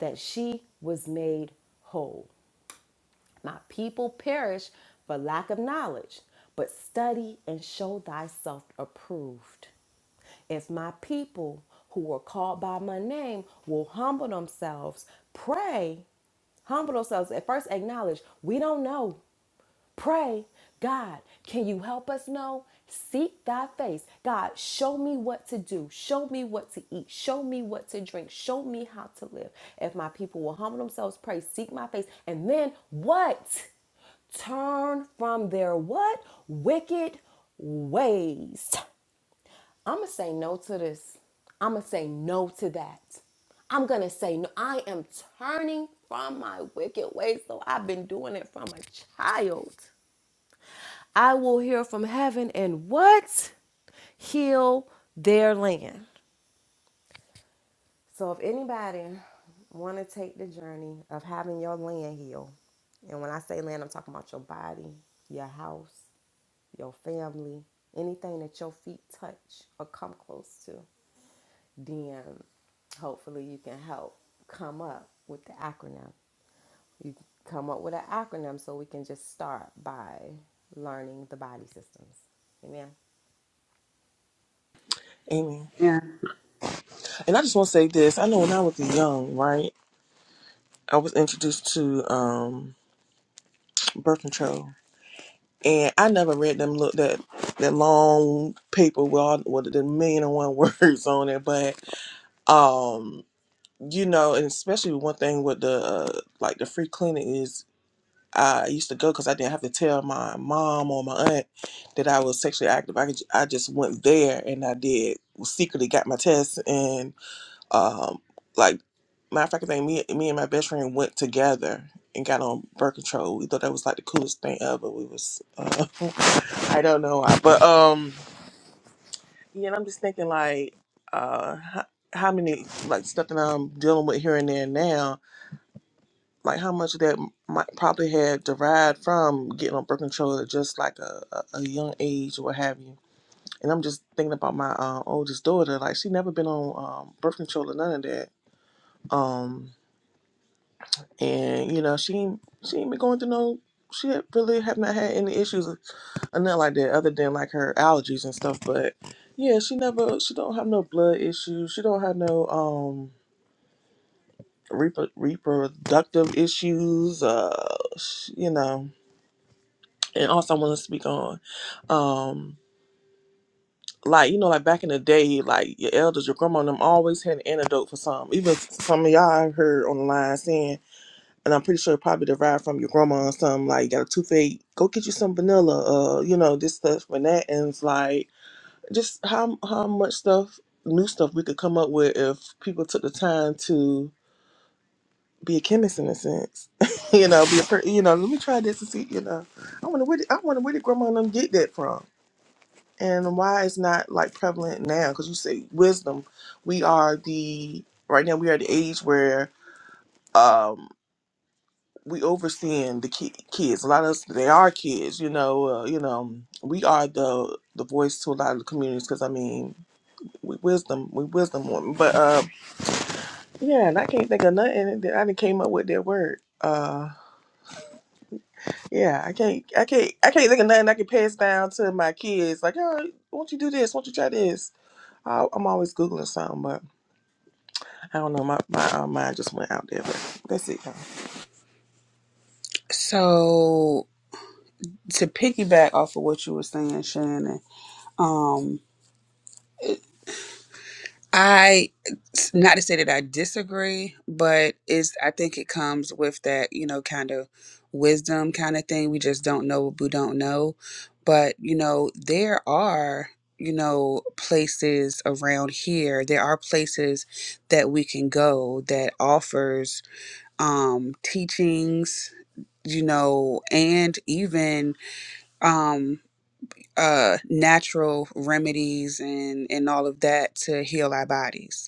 [SPEAKER 2] that she was made whole. My people perish for lack of knowledge, but study and show thyself approved. If my people who are called by my name will humble themselves, pray, humble themselves, and first acknowledge we don't know. Pray, God, can you help us know? Seek thy face. God, show me what to do. Show me what to eat. Show me what to drink. Show me how to live. If my people will humble themselves, pray, seek my face. And then what? Turn from their what? Wicked ways. I'm going to say no to this. I'm going to say no to that. I'm going to say no. I am turning from my wicked ways, though I've been doing it from a child. I will hear from heaven and what? Heal their land. So if anybody want to take the journey of having your land healed, and when I say land, I'm talking about your body, your house, your family, anything that your feet touch or come close to, then hopefully you can help come up with the acronym. You can come up with an acronym so we can just start by learning the body systems. Amen.
[SPEAKER 1] amen. And I just want to say this. I know when I was young, right, I was introduced to um birth control. And I never read them look that that long paper with all with the million and one words on it, but um you know and especially one thing with the uh, like the free clinic is i used to go because i didn't have to tell my mom or my aunt that i was sexually active i, could, ju- I just went there and i did well, secretly got my test and um like matter of fact i think me, me and my best friend went together and got on birth control we thought that was like the coolest thing ever we was uh, i don't know why but um yeah, and I'm just thinking like, uh, how, how many like stuff that I'm dealing with here and there now, like how much of that might probably have derived from getting on birth control at just like a, a, a young age or what have you. And I'm just thinking about my uh, oldest daughter, like she never been on um, birth control or none of that. Um, and you know she ain't- she ain't been going through no. She had- really have not had any issues Uh, not like that, other than like her allergies and stuff. But yeah, she never, she don't have no blood issues. She don't have no um repro- reproductive issues. Uh, sh- you know. And also, I want to speak on, um, like you know, like back in the day, like your elders, your grandma, and them always had an antidote for something. Even some of y'all I heard on the line saying, and I'm pretty sure it probably derived from your grandma or something. Like, you got a toothache, go get you some vanilla. Uh, you know, this stuff and that, and it's like just how how much stuff new stuff we could come up with if people took the time to be a chemist in a sense you know be a per- you know let me try this and see you know i wonder where did, i wonder where did grandma and them get that from and why it's not like prevalent now because you say wisdom we are the right now we are the age where um we overseeing the ki- kids a lot of us they are kids you know uh, you know we are the the voice to a lot of the communities because i mean we wisdom, we wisdom woman. But uh, yeah, and I can't think of nothing that I done came up with that word. Uh, yeah, I can't, I can't, I can't think of nothing I can pass down to my kids. Like, oh, won't you do this? Won't you try this? I, I'm always googling something, but I don't know. My my uh, mind just went out there. But that's it. Y'all.
[SPEAKER 5] So. to piggyback off of what you were saying, Shannon, um, I not to say that I disagree, but it's I think it comes with that, you know, kind of wisdom kind of thing. We just don't know what we don't know. But, you know, there are, you know, places around here. There are places that we can go that offers um teachings, you know, and even um, uh natural remedies and and all of that to heal our bodies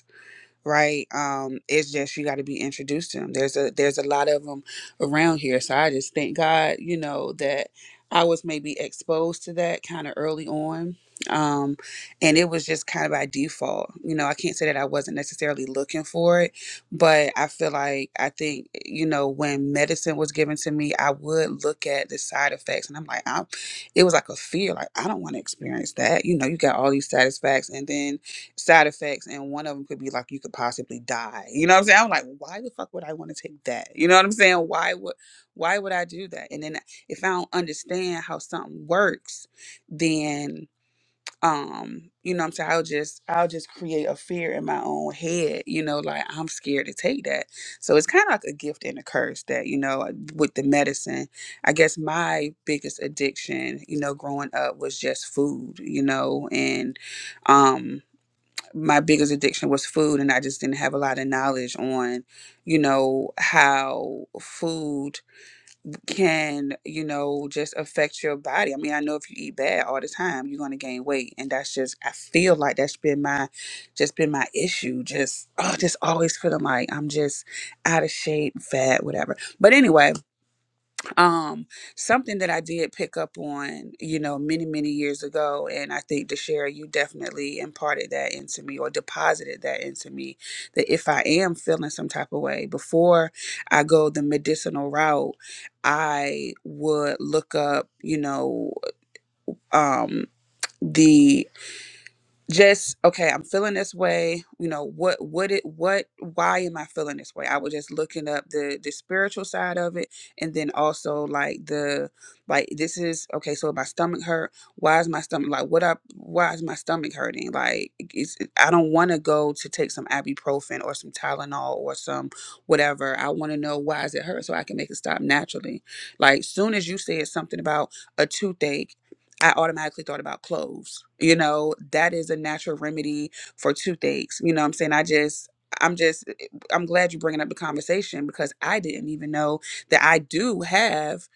[SPEAKER 5] right? Um, it's just you got to be introduced to them. There's a there's a lot of them around here, so I just thank God, you know, that I was maybe exposed to that kind of early on. Um, and it was just kind of by default. You know, I can't say that I wasn't necessarily looking for it, but I feel like I think, you know, when medicine was given to me, I would look at the side effects and I'm like, I'm, it was like a fear, like I don't want to experience that. You know, you got all these side effects and then side effects and one of them could be like you could possibly die you know what i'm saying i'm like why the fuck would i want to take that you know what i'm saying why would why would i do that and then if i don't understand how something works then um you know what i'm saying i'll just i'll just create a fear in my own head you know like i'm scared to take that so it's kind of like a gift and a curse that you know with the medicine i guess my biggest addiction you know growing up was just food you know and um my biggest addiction was food and i just didn't have a lot of knowledge on you know how food can you know just affect your body i mean i know if you eat bad all the time you're going to gain weight and that's just i feel like that's been my just been my issue just oh just always feeling like i'm just out of shape fat whatever but anyway um, something that I did pick up on, you know, many, many years ago, and I think DeShera, you definitely imparted that into me or deposited that into me, that if I am feeling some type of way, before I go the medicinal route, I would look up, you know, um, just okay i'm feeling this way you know what what it what why am i feeling this way i was just looking up the the spiritual side of it and then also like the like this is okay so my stomach hurt why is my stomach like what up why is my stomach hurting like it's, i don't want to go to take some ibuprofen or some tylenol or some whatever i want to know why is it hurt so i can make it stop naturally like soon as you said something about a toothache I automatically thought about cloves. You know, that is a natural remedy for toothaches. You know what I'm saying? I just I'm just eh, I'm glad you're bringing up the conversation because I didn't even know that I do have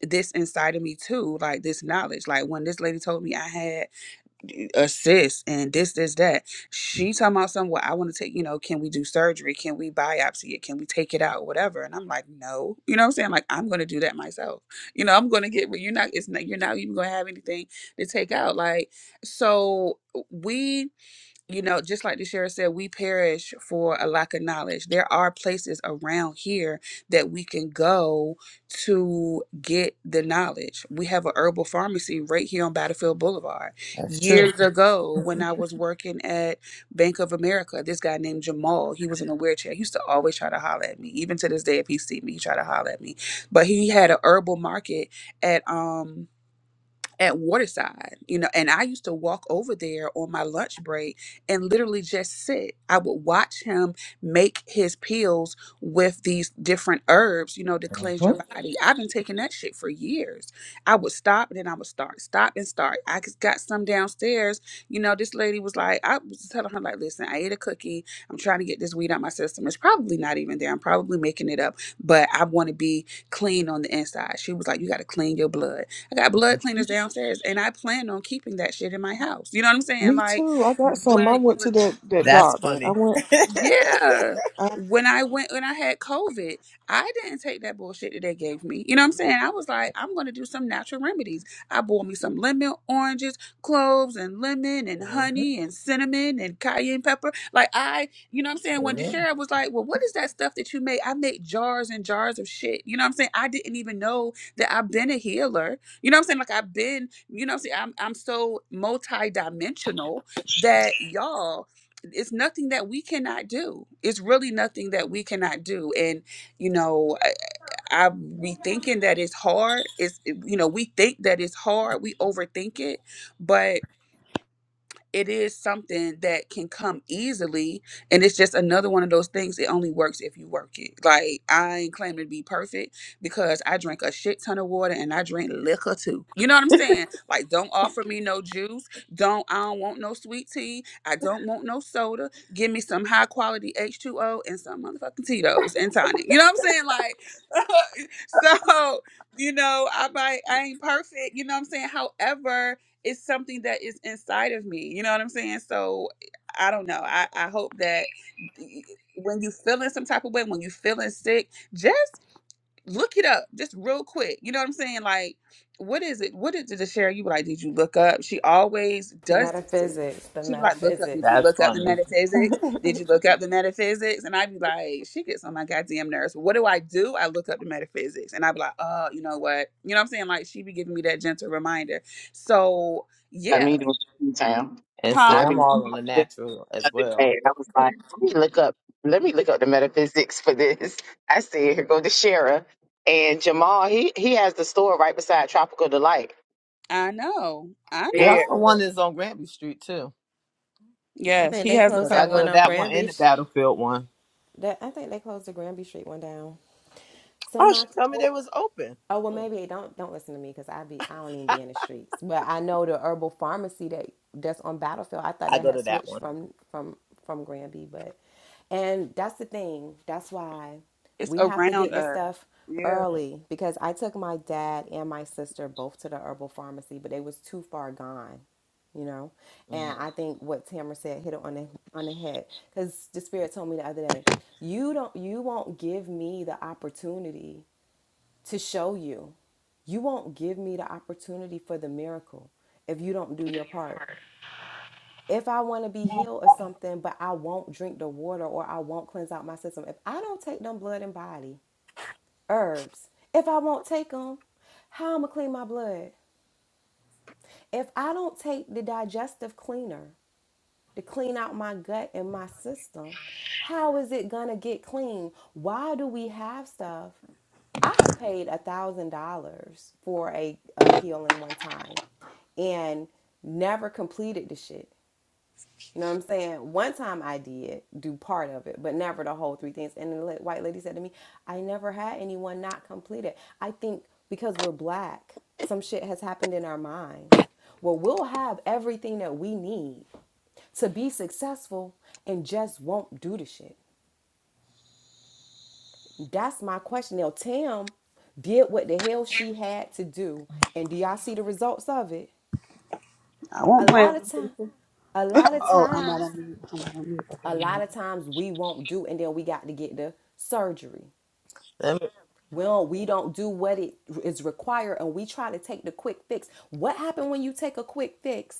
[SPEAKER 5] this inside of me too, like this knowledge. Like when this lady told me I had assist and this, this, that. She talking about something. Well, I want to take. You know, can we do surgery? Can we biopsy it? Can we take it out? Whatever. And I'm like, no. You know what I'm saying? Like, I'm gonna do that myself. You know, I'm gonna get. You're not. It's not. You're not even gonna have anything to take out. Like, so we you know, just like the sheriff said, we perish for a lack of knowledge. There are places around here that we can go to get the knowledge. We have a herbal pharmacy right here on Battlefield Boulevard.
[SPEAKER 4] That's true.
[SPEAKER 5] Years Mhm. ago, when I was working at Bank of America, this guy named Jamal, he was in a wheelchair. He used to always try to holler at me. Even to this day, if he see me, he try to holler at me. But he had a herbal market at um at Waterside, you know, and I used to walk over there on my lunch break and literally just sit. I would watch him make his pills with these different herbs, you know, to cleanse your body. I've been taking that shit for years. I would stop and then I would start, stop and start. I just got some downstairs. You know, this lady was like, I was telling her, like, listen, I ate a cookie. I'm trying to get this weed out my system. It's probably not even there. I'm probably making it up, but I want to be clean on the inside. She was like, you got to clean your blood. I got blood cleaners downstairs, and I plan on keeping that shit in my house. You know what I'm saying?
[SPEAKER 1] Me
[SPEAKER 5] Like
[SPEAKER 1] too. I got some. I
[SPEAKER 5] when.
[SPEAKER 1] went to that that
[SPEAKER 4] That's
[SPEAKER 1] doctor. I
[SPEAKER 4] funny.
[SPEAKER 1] went.
[SPEAKER 5] Yeah.
[SPEAKER 1] I,
[SPEAKER 5] When I went when I had COVID, I didn't take that bullshit that they gave me. You know what I'm saying? I was like, I'm gonna do some natural remedies. I boiled me some lemon oranges, cloves and lemon and
[SPEAKER 4] Mhm.
[SPEAKER 5] honey and cinnamon and cayenne pepper. Like I, you know what I'm saying? When
[SPEAKER 4] Amen.
[SPEAKER 5] Deshara was like, Well, what is that stuff that you make? I make jars and jars of shit. You know what I'm saying? I didn't even know that I've been a healer. You know what I'm saying? Like I've been, you know what I'm saying? I'm I'm so multidimensional that y'all it's nothing that we cannot do. It's really nothing that we cannot do. And you know, I, I we thinking that it's hard. It's you know we think that it's hard. We overthink it, but it is something that can come easily and it's just another one of those things it only works if you work it like i ain't claiming to be perfect because i drink a shit ton of water and i drink liquor too you know what i'm saying like don't offer me no juice don't i don't want no sweet tea i don't want no soda give me some high quality h2o and some motherfucking tito's and tonic you know what i'm saying like so you know i might i ain't perfect you know what i'm saying however it's something that is inside of me. You know what I'm saying? So I don't know. I, I hope that when you feeling some type of way, when you feeling sick, just look it up just real quick. You know what I'm saying? Like, what is it? What did the share? You be like, did you look up? She always does this to me.
[SPEAKER 2] Metaphysics, the
[SPEAKER 5] She be like, look up. Did
[SPEAKER 2] metaphysics.
[SPEAKER 5] you
[SPEAKER 4] That's
[SPEAKER 5] look up the
[SPEAKER 4] funny.
[SPEAKER 5] metaphysics? Did you look up the metaphysics? And I be like, she gets on my goddamn nerves. What do I do? I look up the metaphysics, and I be like, oh, you know what? You know what I'm saying? Like, she be giving me that gentle reminder. So
[SPEAKER 6] I
[SPEAKER 5] yeah,
[SPEAKER 6] mean, in town.
[SPEAKER 4] And see,
[SPEAKER 5] huh?
[SPEAKER 6] I
[SPEAKER 4] I'm
[SPEAKER 6] be
[SPEAKER 4] all on the
[SPEAKER 6] the
[SPEAKER 4] natural as
[SPEAKER 6] other day,
[SPEAKER 4] well.
[SPEAKER 6] I was like, let me look up, let me look up the metaphysics for this. I said, here go the Shara and Jamal. He he has the store right beside Tropical Delight.
[SPEAKER 5] I know, I
[SPEAKER 4] They
[SPEAKER 5] know.
[SPEAKER 6] Yeah,
[SPEAKER 4] also one that's on Granby Street too.
[SPEAKER 2] I
[SPEAKER 5] Yes,
[SPEAKER 2] think
[SPEAKER 5] he
[SPEAKER 2] they
[SPEAKER 5] has a
[SPEAKER 4] Cause
[SPEAKER 2] closed
[SPEAKER 4] I
[SPEAKER 2] that
[SPEAKER 4] go
[SPEAKER 2] one
[SPEAKER 4] to
[SPEAKER 5] couple.
[SPEAKER 2] on
[SPEAKER 4] that one and
[SPEAKER 2] Granby.
[SPEAKER 4] the Battlefield one.
[SPEAKER 2] That I think they closed the Granby Street one down. So
[SPEAKER 4] Oh, she
[SPEAKER 2] my
[SPEAKER 4] told me they was open.
[SPEAKER 2] Oh well,
[SPEAKER 4] Hmm.
[SPEAKER 2] maybe don't don't listen to me because I be I don't even be in the streets. But I know the herbal pharmacy that that's on Battlefield. I thought
[SPEAKER 4] I
[SPEAKER 2] that
[SPEAKER 4] go
[SPEAKER 2] had
[SPEAKER 4] to that
[SPEAKER 2] switched
[SPEAKER 4] one.
[SPEAKER 2] from from from Granby, but and that's the thing. That's why
[SPEAKER 5] It's
[SPEAKER 2] we have to
[SPEAKER 5] around
[SPEAKER 2] get this
[SPEAKER 5] us.
[SPEAKER 2] stuff
[SPEAKER 5] Yeah,
[SPEAKER 2] early because I took my dad and my sister both to the herbal pharmacy, but they was too far gone you know and
[SPEAKER 4] Mhm.
[SPEAKER 2] i think what tamara said hit it on the on the head because the spirit told me the other day you don't you won't give me the opportunity to show you. You won't give me the opportunity for the miracle if you don't do your part. If I want to be healed or something, but I won't drink the water or I won't cleanse out my system, if I don't take them blood and body herbs, if I won't take them, how am I going to clean my blood? If I don't take the digestive cleaner, to clean out my gut and my system. How is it gonna get clean? Why do we have stuff? I have paid a thousand dollars for a, a healing one time and never completed the shit. You know what I'm saying? One time I did do part of it, but never the whole three things. And the white lady said to me, I never had anyone not complete it. I think because we're black, some shit has happened in our minds. Well, we'll have everything that we need to be successful and just won't do the shit. That's my question. Now, Tam did what the hell she had to do. And do y'all see the results of it?
[SPEAKER 5] I
[SPEAKER 2] A
[SPEAKER 5] won't play.
[SPEAKER 2] lot
[SPEAKER 5] with
[SPEAKER 2] of
[SPEAKER 5] them
[SPEAKER 2] time,
[SPEAKER 5] people.
[SPEAKER 2] a lot of
[SPEAKER 5] Oh, I'm not
[SPEAKER 2] times
[SPEAKER 5] on mute. I'm not on mute. Okay,
[SPEAKER 2] a
[SPEAKER 5] I'm
[SPEAKER 2] lot of times we won't do and then we got to get the surgery
[SPEAKER 4] Let me-
[SPEAKER 2] Well, we don't do what it is required and we try to take the quick fix what happened when you take a quick fix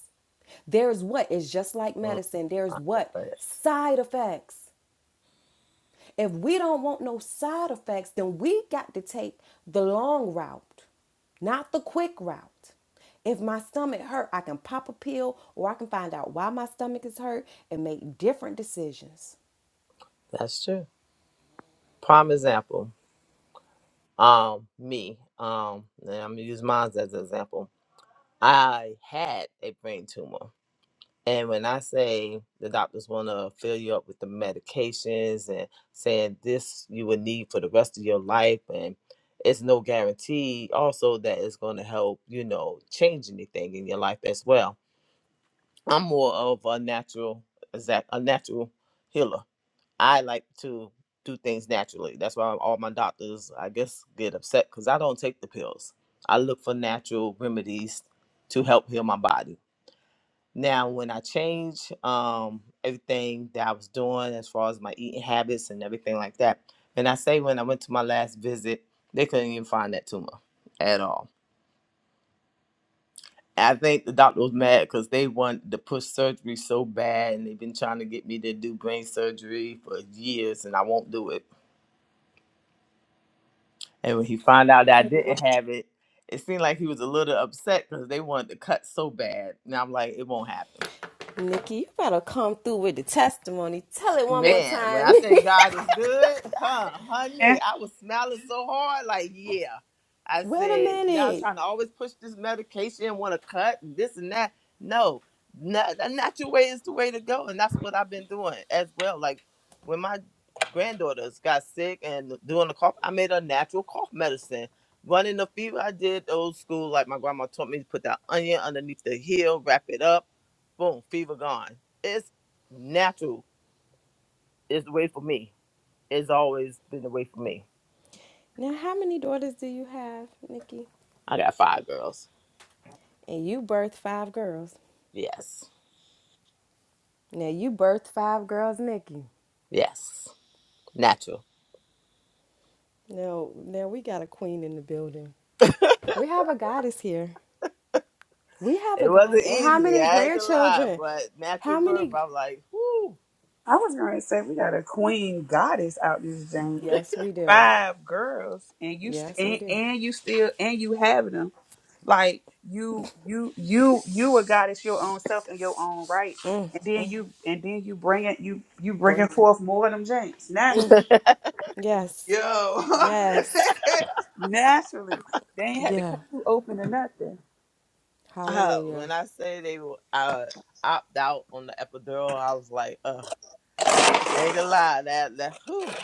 [SPEAKER 2] there's what is just like
[SPEAKER 4] mhm.
[SPEAKER 2] medicine there's
[SPEAKER 4] All right,
[SPEAKER 2] what
[SPEAKER 4] but
[SPEAKER 2] side effects if we don't want no side effects then we got to take the long route not the quick route if my stomach hurt i can pop a pill or i can find out why my stomach is hurt and make different decisions
[SPEAKER 4] That's true. Prime example. um me um and i'm gonna use mine as an example i had a brain tumor and when i say the doctors want to fill you up with the medications and saying this you will need for the rest of your life and it's no guarantee also that it's going to help you know change anything in your life as well i'm more of a natural exact a natural healer I like to do things naturally. That's why all my doctors, I guess, get upset because I don't take the pills. I look for natural remedies to help heal my body. Now, when I change um, everything that I was doing as far as my eating habits and everything like that, and I say when I went to my last visit, they couldn't even find that tumor at all. I think the doctor was mad because they want to push surgery so bad, and they've been trying to get me to do brain surgery for years, and I won't do it And when he found out that I
[SPEAKER 5] on
[SPEAKER 4] didn't have it, it seemed like he was a little upset because they wanted to cut so bad. And I'm like, it won't happen.
[SPEAKER 2] Nikki, you better come through with the testimony. Tell it one
[SPEAKER 5] mute.
[SPEAKER 2] more
[SPEAKER 4] Man, when
[SPEAKER 2] time.
[SPEAKER 4] I say God is good, huh, honey,
[SPEAKER 5] Amen.
[SPEAKER 4] I was smiling so hard, like, yeah. I
[SPEAKER 2] Wait a
[SPEAKER 4] said, y'all
[SPEAKER 2] minute.
[SPEAKER 4] trying to always push this medication, want to cut and this and that. No, not, your way is the way to go. And that's what I've been doing as well. Like when my granddaughters got sick and doing the cough, I made a natural cough medicine. Running the fever, I did old school, like my grandma taught me to put that onion underneath the heel, wrap it up, boom, fever gone. It's natural is the way for me. It's always been the way for me.
[SPEAKER 2] Now, how many daughters do you have, Nikki?
[SPEAKER 4] I got five girls.
[SPEAKER 2] And you birthed five girls.
[SPEAKER 4] Yes.
[SPEAKER 2] Now, you birthed five girls, Nikki.
[SPEAKER 4] Yes. Natural.
[SPEAKER 2] Now, now we got a queen in the building. We have a goddess here. We have a
[SPEAKER 4] It
[SPEAKER 2] goddess.
[SPEAKER 4] wasn't
[SPEAKER 2] And how
[SPEAKER 4] easy,
[SPEAKER 2] many
[SPEAKER 4] I ain't gonna lie,
[SPEAKER 2] grandchildren?
[SPEAKER 4] but natural
[SPEAKER 2] How
[SPEAKER 4] birth,
[SPEAKER 2] many?
[SPEAKER 4] I'm like, whoo.
[SPEAKER 5] I was gonna say we got a queen goddess out this joint.
[SPEAKER 2] Yes, we do.
[SPEAKER 5] Five girls, and you st-
[SPEAKER 2] Yes, we
[SPEAKER 5] and,
[SPEAKER 2] do.
[SPEAKER 5] and you still and you having them like you you you you a goddess your own self in your own right, and then you and then you bring it you you bringing
[SPEAKER 2] Brink.
[SPEAKER 5] forth more of them joints naturally.
[SPEAKER 2] Yes.
[SPEAKER 5] Yo,
[SPEAKER 2] Yes.
[SPEAKER 5] naturally they ain't had to
[SPEAKER 2] Yeah.
[SPEAKER 5] cut you open or nothing.
[SPEAKER 4] uh,
[SPEAKER 2] Hallelujah.
[SPEAKER 4] when I say they will uh, opt out on the epidural, I was like, uh, I ain't gonna lie, that that whew,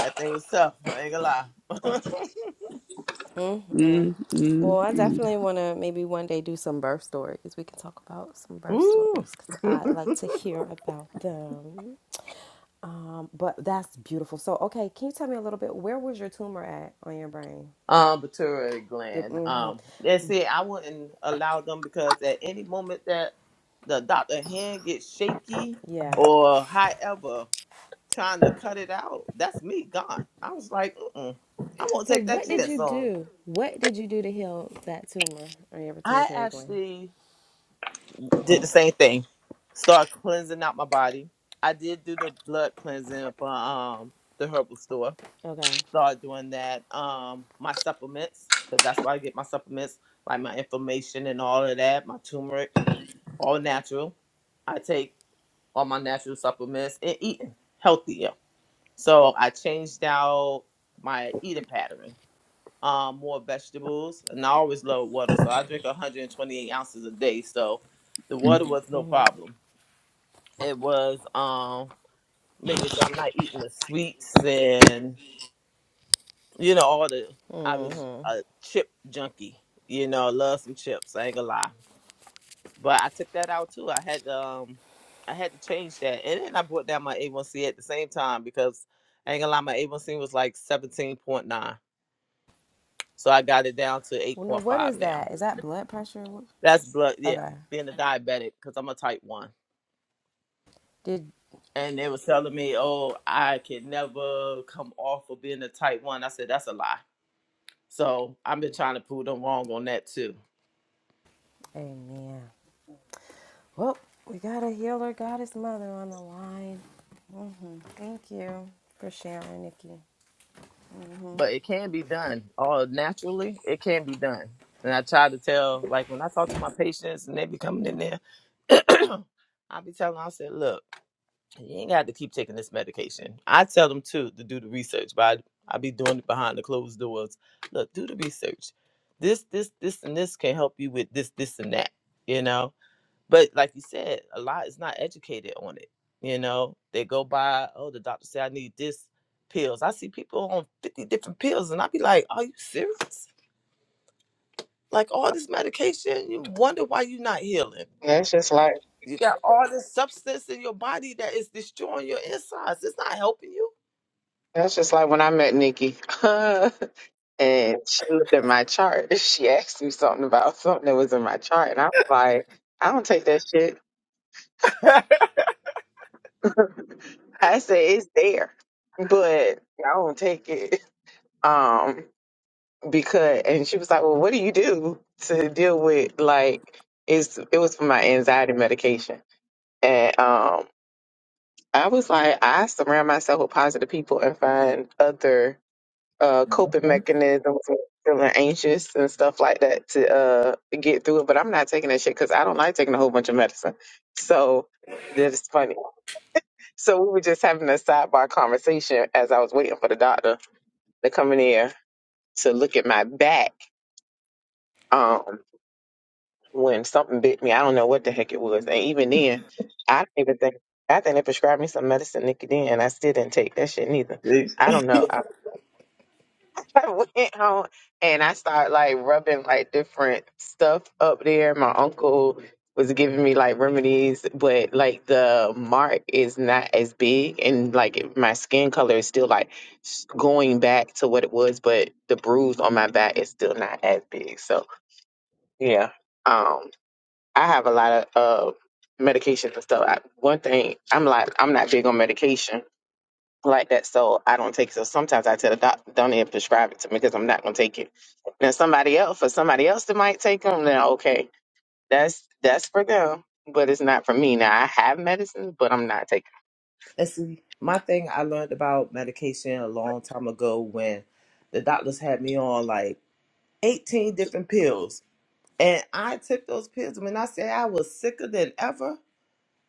[SPEAKER 4] that thing was tough. I ain't gonna lie.
[SPEAKER 5] Mm, mm,
[SPEAKER 2] Well, I
[SPEAKER 5] mm.
[SPEAKER 2] definitely want to maybe one day do some birth stories. We can talk about some birth
[SPEAKER 4] woo.
[SPEAKER 2] stories because I like to hear about them. Um, but that's beautiful. So, okay, can you tell me a little bit? Where was your tumor at on your brain?
[SPEAKER 4] Um, pituitary
[SPEAKER 2] Did,
[SPEAKER 4] gland.
[SPEAKER 2] hmm
[SPEAKER 4] Um, and see, I wouldn't allow them because at any moment that the doctor hand gets shaky
[SPEAKER 2] Yeah.
[SPEAKER 4] or however trying to cut it out, that's me gone. I was like, Mm-mm, I won't
[SPEAKER 2] So,
[SPEAKER 4] take that
[SPEAKER 2] what did
[SPEAKER 4] chance
[SPEAKER 2] you
[SPEAKER 4] on.
[SPEAKER 2] do? What did you do to heal that tumor on your
[SPEAKER 4] I
[SPEAKER 2] pituitary gland?
[SPEAKER 4] actually did the same thing. Start cleansing out my body. I did do the blood cleansing for um the herbal store.
[SPEAKER 2] Okay.
[SPEAKER 4] start doing that. Um, my supplements, because that's where I get my supplements, like my inflammation and all of that, my turmeric, all natural. I take all my natural supplements and eating healthier. So I changed out my eating pattern. Um, more vegetables, and I always love water, so I drink 128 ounces a day. So the water was no problem. It was um making sure I'm not eating the sweets and you know, all the I was a chip junkie. You know, love some chips. I ain't gonna lie, but I took that out too. I had to, um, I had to change that, and then I brought down my A1C at the same time because I ain't gonna lie, my A1C was like seventeen point nine, so I got it down to eight
[SPEAKER 2] Well, no,
[SPEAKER 4] point
[SPEAKER 2] what
[SPEAKER 4] five
[SPEAKER 2] is
[SPEAKER 4] now.
[SPEAKER 2] that? Is that blood pressure? What-
[SPEAKER 4] That's blood, yeah,
[SPEAKER 2] Okay.
[SPEAKER 4] being a diabetic because I'm a type one.
[SPEAKER 2] Did,
[SPEAKER 4] And they was telling me, oh, I could never come off of being a type one. I said, that's a lie. So I've been trying to prove them wrong on that too.
[SPEAKER 2] amen. Well, we got a healer, goddess mother on the line. Thank you for sharing, Nikki.
[SPEAKER 4] but it can be done all naturally it can be done and i try to tell like when i talk to my patients and they be coming in there i be telling them, i said look you ain't got to keep taking this medication i tell them too to do the research but i, I be doing it behind the closed doors look do the research this this this and this can help you with this this and that you know but like you said, a lot is not educated on it. You know, they go by, oh, the doctor said I need this pills. I see people on 50 different pills and I be like, are you serious? Like all this medication, you wonder why you're not healing.
[SPEAKER 6] that's just like
[SPEAKER 4] You got all this substance in your body that is destroying your insides. It's not helping you.
[SPEAKER 6] that's just like when I met Nikki, and she looked at my chart. She asked me something about something that was in my chart, and I was like, I don't take that shit. I said it's there, but I don't take it. Um, because and she was like, "Well, what do you do to deal with like it's it was for my anxiety medication." And um I was like, I surround myself with positive people and find other uh coping
[SPEAKER 4] Mhm.
[SPEAKER 6] mechanisms when I'm feeling anxious and stuff like that to uh get through it, but I'm not taking that shit cuz I don't like taking a whole bunch of medicine. So that's funny. So we were just having a sidebar conversation as I was waiting for the doctor to come in here to look at my back. Um when something bit me. I don't know what the heck it was. And even then, I didn't even think, I think they prescribed me some medicine nicotine, and I still didn't take that shit neither.
[SPEAKER 4] See?
[SPEAKER 6] I don't know. I, I went home and I started like rubbing like different stuff up there. My uncle was giving me like remedies, but like the mark is not as big, and like my skin color is still like s- going back to what it was, but the bruise on my back is still not as big. So yeah, um, I have a lot of uh, medications and stuff. I, one thing, I'm like, I'm not big on medication like that, so I don't take it. So sometimes I tell the doctor, don't even prescribe it to me because I'm not going to take it. Now somebody else, for somebody else that might take them, then okay, that's that's for them, but it's not for me. Now I have medicine, but I'm not taking.
[SPEAKER 4] And see, my thing I learned about medication a long time ago when the doctors had me on like 18 different pills And I took those pills. When I say I was sicker than ever,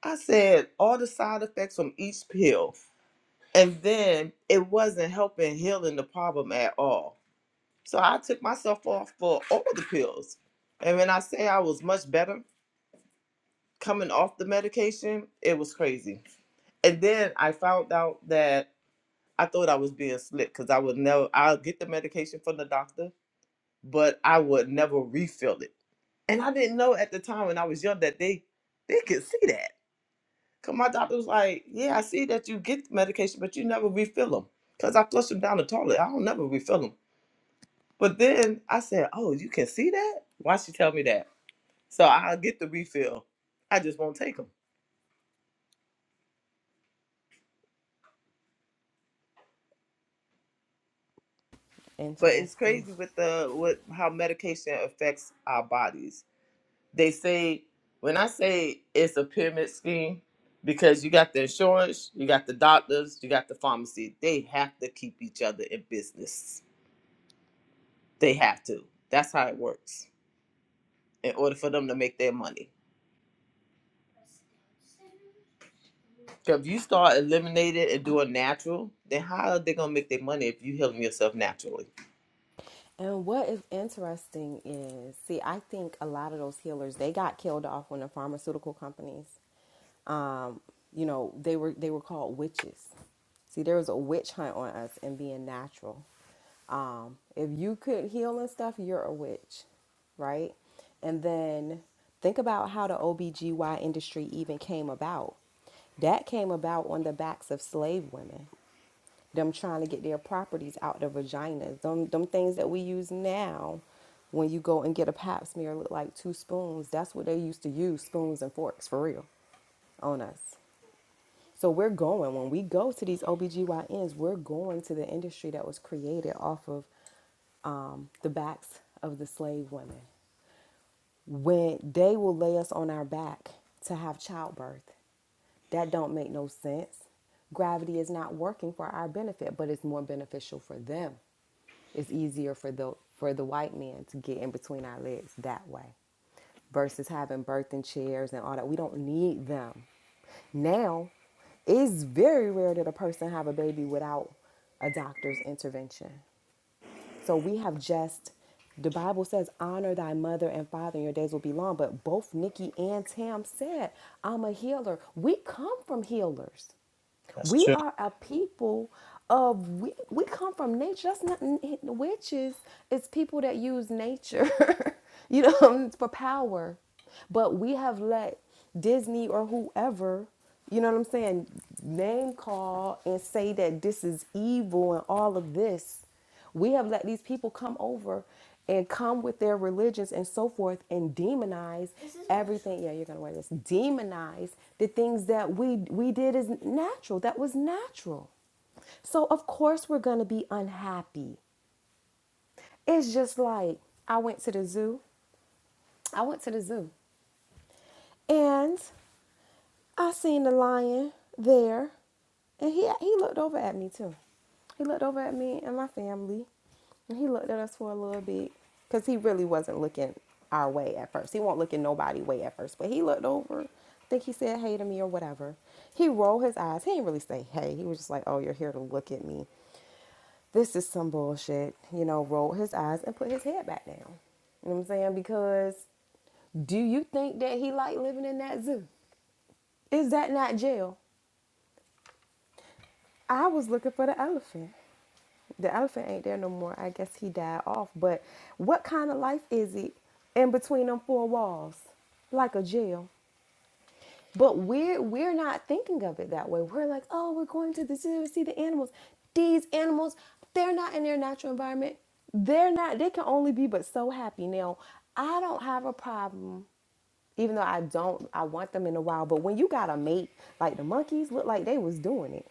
[SPEAKER 4] I said all the side effects from each pill. And then it wasn't helping healing the problem at all. So I took myself off for all the pills. And when I say I was much better coming off the medication, it was crazy. And then I found out that I thought I was being slick because I would never, I'll get the medication from the doctor, but I would never refill it. And I didn't know at the time when I was young that they they could see that. Cause my doctor was like, "Yeah, I see that you get medication, but you never refill them. Cause I flush them down the toilet. I don't never refill them." But then I said, "Oh, you can see that? Why she tell me that?" So I'll get the refill. I just won't take them. But it's
[SPEAKER 2] Interesting.
[SPEAKER 4] crazy with the with how medication affects our bodies. they say when I say it's a pyramid scheme, because you got the insurance, you got the doctors, you got the pharmacy. They have to keep each other in business. They have to. That's how it works. In order for them to make their money. 'Cause if you start eliminating and doing natural, then how are they gonna make their money if you healing yourself naturally?
[SPEAKER 2] And what is interesting is, see, I think a lot of those healers they got killed off when the pharmaceutical companies, um, you know, they were they were called witches. See, there was a witch hunt on us and being natural. Um, if you could heal and stuff, you're a witch, right? And then think about how the OBGY industry even came about. That came about on the backs of slave women them trying to get their properties out their vaginas. Them them things that we use now when you go and get a pap smear look like two spoons. That's what they used to use, spoons and forks for real on us. So we're going when we go to these OBGYNs, we're going to the industry that was created off of um, the backs of the slave women when they will lay us on our back to have childbirth. That don't make no sense. Gravity is not working for our benefit, but it's more beneficial for them. It's easier for the for the white man to get in between our legs that way versus having birthing chairs and all that. We don't need them. Now, it's very rare that a person have a baby without a doctor's intervention. So we have just, the Bible says, honor thy mother and father, and your days will be long. But both Nikki and Tam said, I'm a healer. We come from healers.
[SPEAKER 4] That's
[SPEAKER 2] We
[SPEAKER 4] true.
[SPEAKER 2] are a people of we, we come from nature. That's not n- witches. It's people that use nature, you know, for power. But we have let Disney or whoever, you know what I'm saying, name call and say that this is evil and all of this. We have let these people come over and come with their religions and so forth and demonize everything. Yeah, you're gonna wear this. Demonize the things that we we did as natural. That was natural. So of course we're gonna be unhappy. It's just like I went to the zoo. I went to the zoo and I seen the lion there, and he he looked over at me too. He looked over at me and my family, and he looked at us for a little bit because he really wasn't looking our way at first. He wasn't looking nobody way at first, but he looked over. I think he said hey to me or whatever. He rolled his eyes. He didn't really say hey. He was just like, "Oh, you're here to look at me. This is some bullshit," you know. Rolled his eyes and put his head back down. You know what I'm saying? Because do you think that he liked living in that zoo? Is that not jail? I was looking for the elephant. The elephant ain't there no more. I guess he died off. But what kind of life is it in between them four walls? Like a jail. But we're we're not thinking of it that way. We're like, oh, we're going to the zoo to see the animals. These animals, they're not in their natural environment. They're not they can only be but so happy. Now, I don't have a problem. Even though I don't, I want them in the wild. But when you got a mate, like the monkeys look like they was doing it.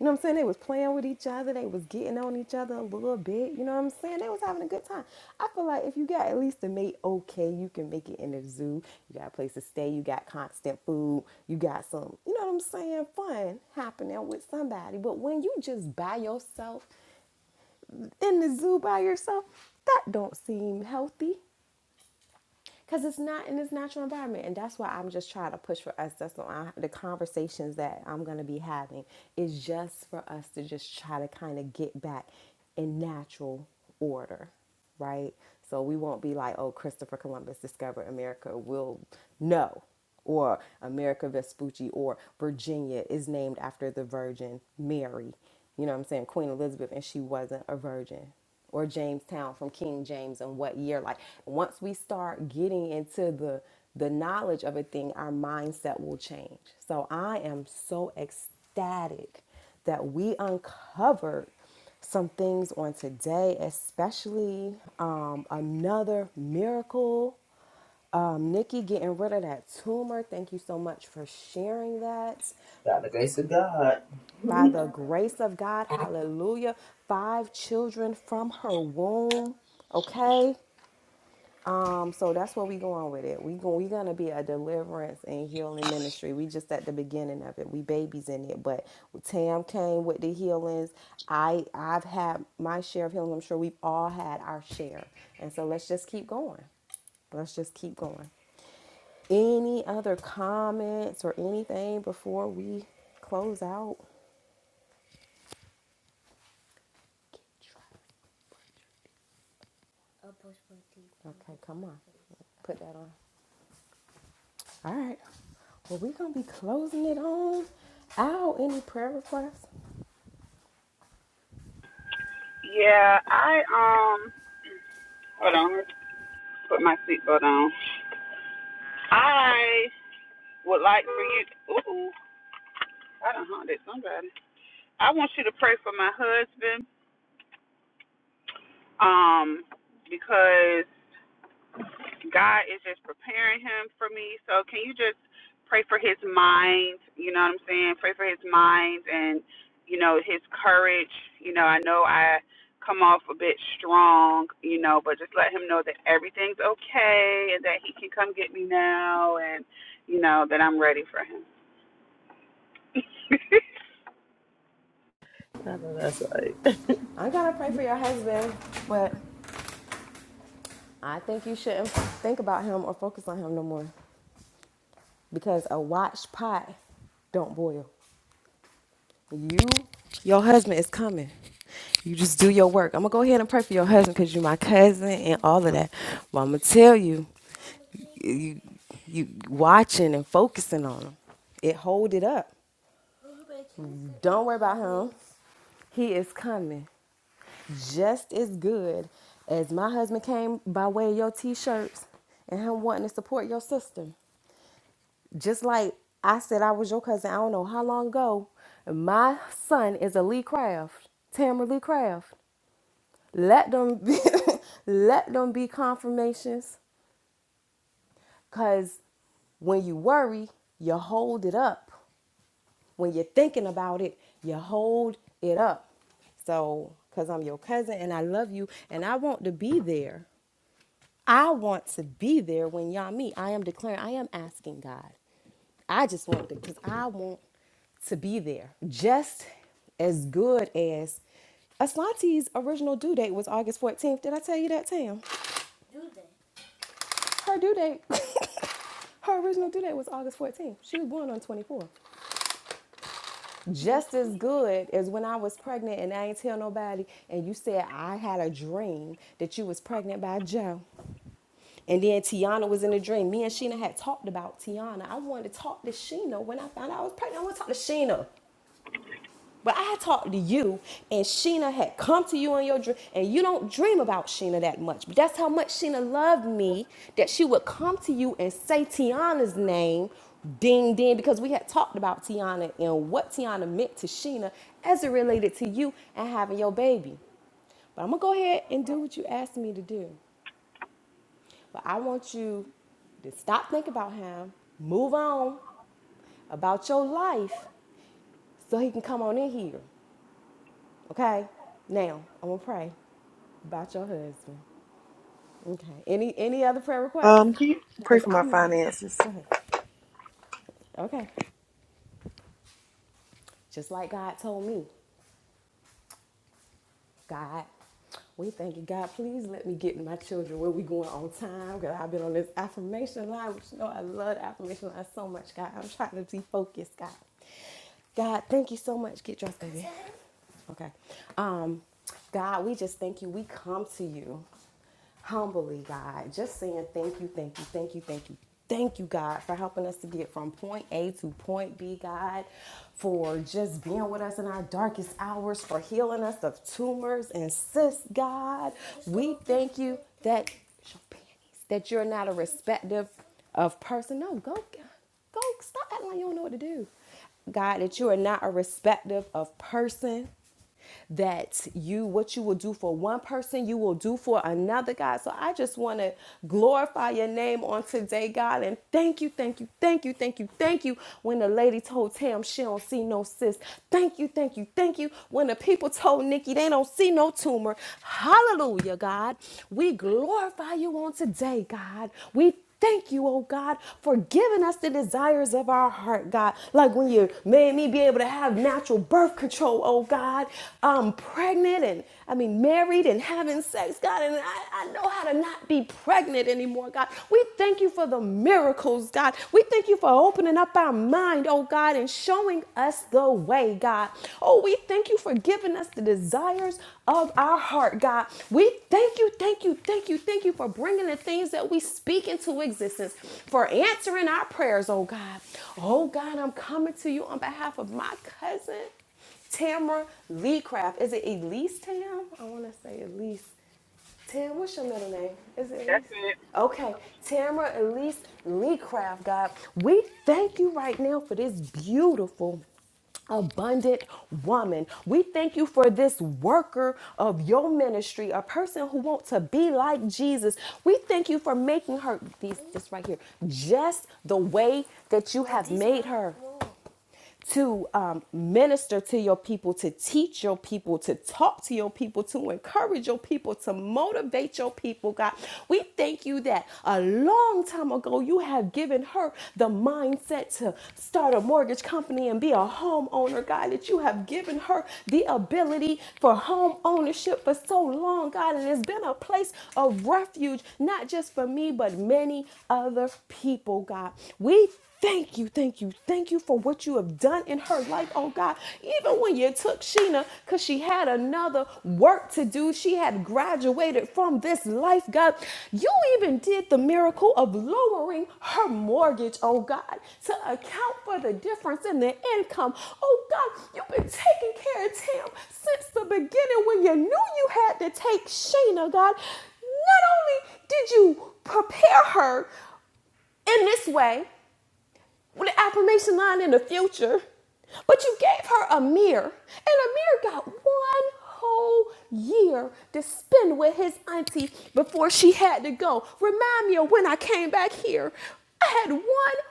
[SPEAKER 2] You know what I'm saying? They was playing with each other. They was getting on each other a little bit. You know what I'm saying? They was having a good time. I feel like if you got at least a mate, okay, you can make it in the zoo. You got a place to stay. You got constant food. You got some, you know what I'm saying? Fun happening with somebody. But when you just by yourself in the zoo by yourself, that don't seem healthy because it's not in its natural environment and that's why i'm just trying to push for us that's what I, the conversations that i'm going to be having is just for us to just try to kind of get back in natural order right so we won't be like oh christopher columbus discovered america we'll no or america vespucci or virginia is named after the virgin mary you know what i'm saying queen elizabeth and she wasn't a virgin or Jamestown from King James and what year. Like once we start getting into the the knowledge of a thing, our mindset will change. So I am so ecstatic that we uncovered some things on today, especially um, another miracle. Um, Nikki getting rid of that tumor. Thank you so much for sharing that.
[SPEAKER 4] By the grace of God.
[SPEAKER 2] By
[SPEAKER 4] Amen.
[SPEAKER 2] the grace of God, hallelujah. Five children from her womb. Okay? Um, so that's where we going with it. We go, we are gonna be a deliverance and healing ministry. We just at the beginning of it. We babies in it, but Tam came with the healings. I I've had my share of healings. I'm sure we've all had our share. And so let's just keep going. Let's just keep going. Any other comments or anything before we close out? Okay, come on. Put that on. All right. Well, we're going to be closing it on out. Any prayer requests?
[SPEAKER 5] Yeah, I um. Hold on, let me put my seatbelt on. I would like for you. to, Ooh, I done haunted somebody. I want you to pray for my husband, um, because God is just preparing him for me. So can you just pray for his mind? You know what I'm saying? Pray for his mind and you know his courage. You know, I know I know, but just let him know that everything's okay and that he can come get me now, and you know that I'm ready for him.
[SPEAKER 2] I'm going to pray for your husband, but I think you shouldn't think about him or focus on him no more because a watched pot don't boil. You, your husband is coming. You just do your work. I'm going to go ahead and pray for your husband because you're my cousin and all of that. But I'm going to tell you, you, you watching and focusing on him, it hold it up. Don't worry about him. He is coming just as good as my husband came by way of your t shirts and him wanting to support your sister. Just like I said, I was your cousin, I don't know how long ago. My son is a Lee Craft, Tamara Lee Craft. Let them be, let them be confirmations because when you worry, you hold it up. when you're thinking about it, you hold it up. So, because I'm your cousin and I love you and I want to be there. I want to be there when y'all meet. I am declaring, I am asking God. I just want to, because I want to be there. Just as good as Aslante's original due date was August 14th. Did I tell you that, Tam? Her due date, her original due date was August 14th. She was born on 24. just as good as when I was pregnant and I ain't tell nobody and you said I had a dream that you was pregnant by Joe. And then Tiana was in the dream. Me and Sheena had talked about Tiana. I wanted to talk to Sheena when I found out I was pregnant. I want to talk to Sheena. But I talked to you, and Sheena had come to you in your dream, and you don't dream about Sheena that much. But that's how much Sheena loved me that she would come to you and say Tiana's name, ding ding, because we had talked about Tiana and what Tiana meant to Sheena as it related to you and having your baby. But I'm gonna go ahead and do what you asked me to do. But I want you to stop thinking about him, move on about your life so he can come on in here. Okay? Now, I'm going to pray about your husband. Okay. Any any other prayer requests?
[SPEAKER 1] um, can you pray
[SPEAKER 2] Cuz
[SPEAKER 1] for my
[SPEAKER 2] I'm
[SPEAKER 1] finances?
[SPEAKER 2] Go ahead. Okay. Just like God told me. God, we thank you, God. Please let me get my children where we going on time. Cause I've been on this affirmation line, which you know I love the affirmation line so much, God. I'm trying to be focused, God. God, thank you so much. Get dressed, baby. Okay. Um, God, we just thank you. We come to you. humbly, God, just saying thank you, thank you, thank you, thank you, thank you, God, for helping us to get from point A to point B, God, for just being with us in our darkest hours, for healing us of tumors and cysts, God. We thank you that panties, that you're not a respective of person. No, go, go, stop acting like you don't know what to do. God, that you are not a respective of person that you what you will do for one person you will do for another god so i just want to glorify your name on today god and thank you thank you thank you thank you thank you when the lady told tam she don't see no sis thank you thank you thank you when the people told Nikki they don't see no tumor, hallelujah, God. We glorify you on today, God. We Thank you, oh God, for giving us the desires of our heart, God. Like when you made me be able to have natural birth control, oh God. I'm pregnant and I mean married and having sex, God, and I, I know how to not be pregnant anymore, God. We thank you for the miracles, God. God. We thank you for opening up our mind, oh God, and showing us the way, God. Oh, we thank you for giving us the desires of our heart, God. We thank you, thank you, thank you, thank you for bringing the things that we speak into existence, for answering our prayers, oh God. Oh God, I'm coming to you on behalf of my cousin. Tamra Lee Craft. Is it Elise Tam? I want to say Elise. Tam, what's your middle name? Is it
[SPEAKER 5] That's
[SPEAKER 2] Elise?
[SPEAKER 5] it.
[SPEAKER 2] Okay, Tamara Elise Lee Craft, God, we thank you right now for this beautiful, abundant woman. We thank you for this worker of your ministry, a person who wants to be like Jesus. We thank you for making her, these, this right here, just the way that you have made her to um, minister to your people, to teach your people, to talk to your people, to encourage your people, to motivate your people, God. We thank you that a long time ago you have given her the mindset to start a mortgage company and be a homeowner, God, that you have given her the ability for home ownership for so long, God. And it's been a place of refuge, not just for me, but many other people, God. We Thank you, thank you, thank you for what you have done in her life, oh God. Even when you took Sheena, because she had another work to do, she had graduated from this life, God. You even did the miracle of lowering her mortgage, oh God, to account for the difference in the income. Oh God, you've been taking care of Tim since the beginning when you knew you had to take Sheena, God. Not only did you prepare her, in this way, with the affirmation line in the future. But you gave her a mirror, and Amir got one whole year to spend with his auntie before she had to go. Remind me of when I came back here. I had one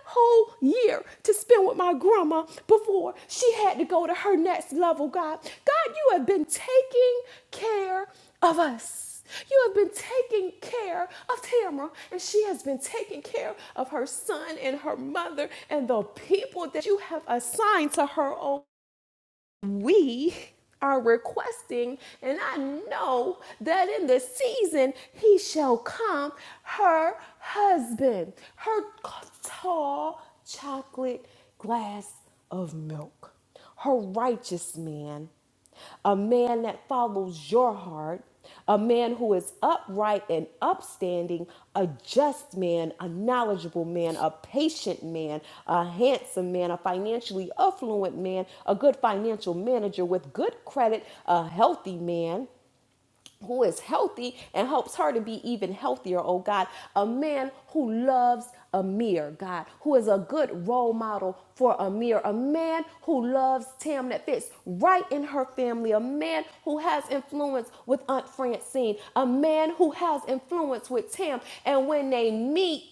[SPEAKER 2] whole year to spend with my grandma before she had to go to her next level, God. God, you have been taking care of us. You have been taking care of Tamara, and she has been taking care of her son and her mother and the people that you have assigned to her. own. we are requesting, and I know that in the season he shall come, her husband, her tall chocolate glass of milk, her righteous man a man that follows your heart, a man who is upright and upstanding, a just man, a knowledgeable man, a patient man, a handsome man, a financially affluent man, a good financial manager with good credit, a healthy man who is healthy and helps her to be even healthier, oh God. A man who loves Amir, God, who is a good role model for Amir, a man who loves Tam that fits right in her family, a man who has influence with Aunt Francine, a man who has influence with Tam. And when they meet,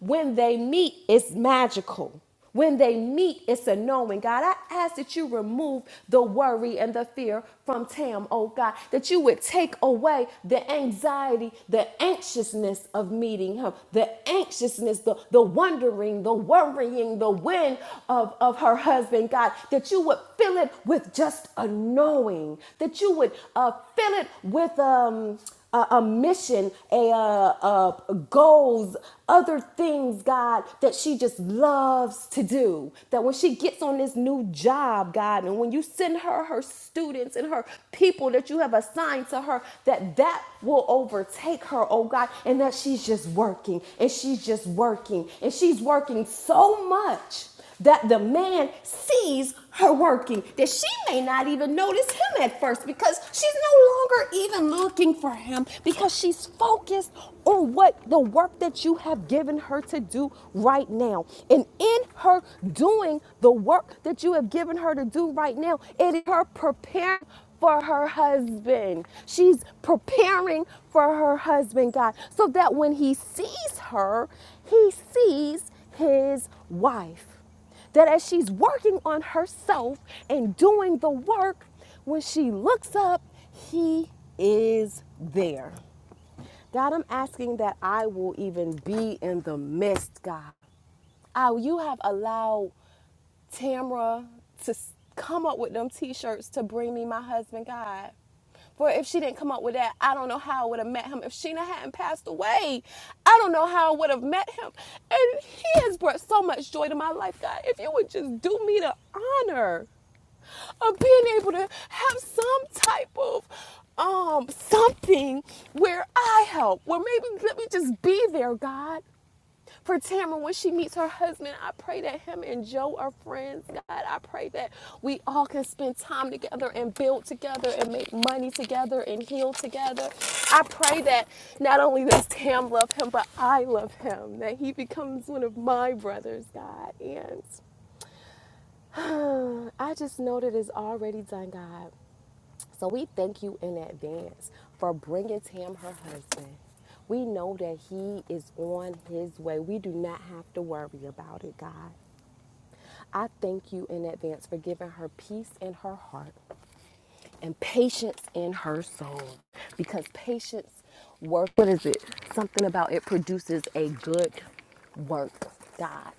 [SPEAKER 2] when they meet, it's magical. When they meet, it's a knowing. God, I ask that you remove the worry and the fear from Tam, oh God, that you would take away the anxiety, the anxiousness of meeting him, the anxiousness, the, the wondering, the worrying, the when of, of her husband, God, that you would fill it with just a knowing, that you would uh, fill it with um a, a mission, a, uh uh goals, other things, God, that she just loves to do. That when she gets on this new job, God, and when you send her her students and her people that you have assigned to her, that that will overtake her, oh God, and that she's just working and she's just working and she's working so much that the man sees her working, that she may not even notice him at first because she's no longer even looking for him because she's focused on what the work that you have given her to do right now. And in her doing the work that you have given her to do right now, it is her preparing for her husband. She's preparing for her husband, God, so that when he sees her, he sees his wife. That as she's working on herself and doing the work, when she looks up, he is there. God, I'm asking that I will even be in the midst, God. Oh, you have allowed Tamra to come up with them t-shirts to bring me my husband God. For if she didn't come up with that, I don't know how I would have met him. If Sheena hadn't passed away, I don't know how I would have met him. And he has brought so much joy to my life, God. If you would just do me the honor of being able to have some type of um something where I help, where maybe let me just be there, God. For Tamara, when she meets her husband, I pray that him and Joe are friends. God, I pray that we all can spend time together and build together and make money together and heal together. I pray that not only does Tam love him, but I love him, that he becomes one of my brothers, God. And uh, I just know that it's already done, God. So we thank you in advance for bringing Tam her husband. We know that he is on his way. We do not have to worry about it, God. I thank you in advance for giving her peace in her heart and patience in her soul because patience work what is it something about it produces a good work god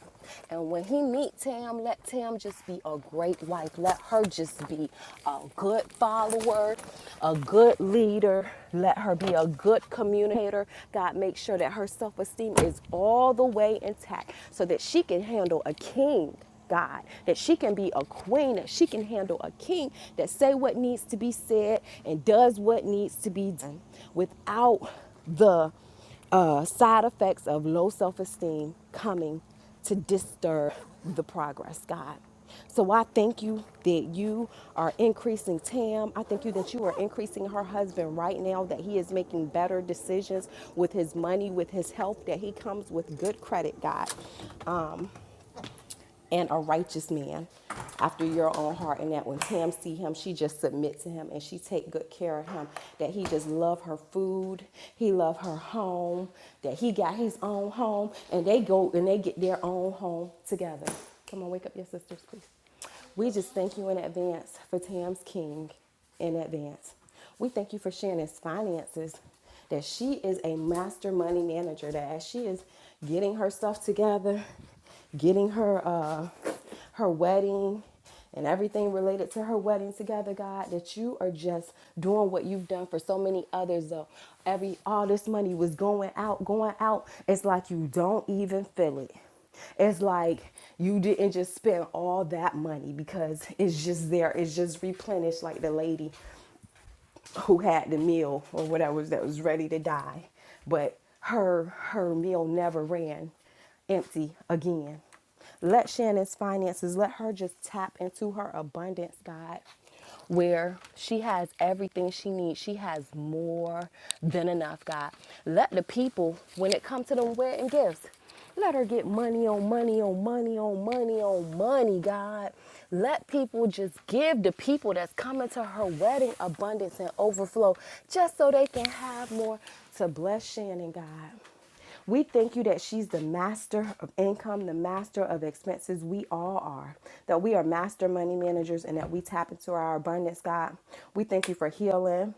[SPEAKER 2] and when he meet tam let tam just be a great wife let her just be a good follower a good leader let her be a good communicator god make sure that her self-esteem is all the way intact so that she can handle a king God, that she can be a queen, that she can handle a king, that say what needs to be said and does what needs to be done without the uh, side effects of low self-esteem coming to disturb the progress, God. So I thank you that you are increasing Tam. I thank you that you are increasing her husband right now, that he is making better decisions with his money, with his health, that he comes with good credit, God and a righteous man after your own heart and that when tam see him she just submit to him and she take good care of him that he just love her food he love her home that he got his own home and they go and they get their own home together come on wake up your sisters please we just thank you in advance for Tam's King in advance. We thank you for Shannon's finances, that she is a master money manager, that as she is getting her stuff together, getting her uh, her wedding and everything related to her wedding together, God, that you are just doing what you've done for so many others. Though every all this money was going out, going out. It's like you don't even feel it. It's like you didn't just spend all that money because it's just there, it's just replenished, like the lady who had the meal or whatever that was ready to die, but her her meal never ran empty again. Let Shannon's finances let her just tap into her abundance, God, where she has everything she needs. She has more than enough, God. Let the people, when it comes to them wedding gifts, let her get money on money on money on money on money, God. Let people just give the people that's coming to her wedding abundance and overflow just so they can have more to bless Shannon, God. We thank you that she's the master of income, the master of expenses. We all are. That we are master money managers and that we tap into our abundance, God. We thank you for healing.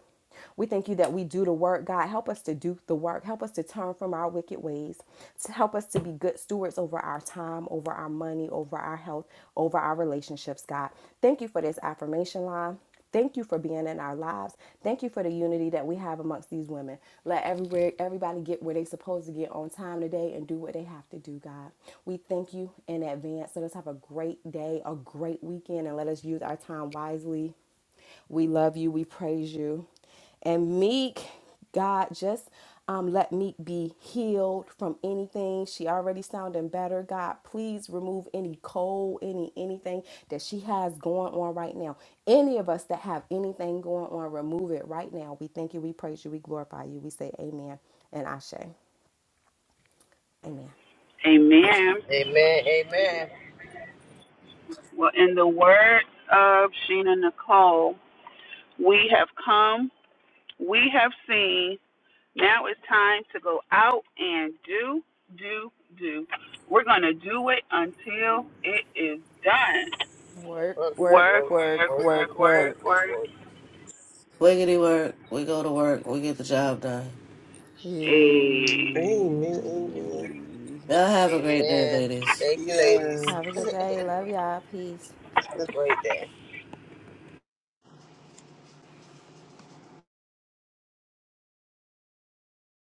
[SPEAKER 2] We thank you that we do the work. God, help us to do the work. Help us to turn from our wicked ways. To help us to be good stewards over our time, over our money, over our health, over our relationships, God. Thank you for this affirmation line. Thank you for being in our lives. Thank you for the unity that we have amongst these women. Let everywhere everybody get where they supposed to get on time today and do what they have to do, God. We thank you in advance. Let us have a great day, a great weekend, and let us use our time wisely we love you. We praise you. And Meek, God, just um, let Meek be healed from anything. She already sounding better. God, please remove any cold, any anything that she has going on right now. Any of us that have anything going on, remove it right now. We thank you. We praise you. We glorify you. We say Amen and Ashe. Amen.
[SPEAKER 5] Amen.
[SPEAKER 4] Amen.
[SPEAKER 5] Well, in the words of Sheena Nicole, we have come, we have seen. Now it's time to go out and do, do, do. We're going to do it until it is done.
[SPEAKER 2] Work,
[SPEAKER 4] Work,
[SPEAKER 5] Work,
[SPEAKER 2] work,
[SPEAKER 4] work,
[SPEAKER 5] work,
[SPEAKER 2] work,
[SPEAKER 4] work,
[SPEAKER 5] work,
[SPEAKER 2] work,
[SPEAKER 4] work,
[SPEAKER 5] work,
[SPEAKER 2] work.
[SPEAKER 5] work.
[SPEAKER 4] work.
[SPEAKER 3] Wiggity work. We go to work. We get the job done.
[SPEAKER 5] Hey.
[SPEAKER 1] Amen. Amen.
[SPEAKER 2] Yay.
[SPEAKER 3] Y'all have a great day,
[SPEAKER 4] Amen.
[SPEAKER 3] ladies.
[SPEAKER 4] Thank you, ladies.
[SPEAKER 2] Have
[SPEAKER 1] Yeah.
[SPEAKER 2] a good day. Love y'all. Peace.
[SPEAKER 4] Have a great day.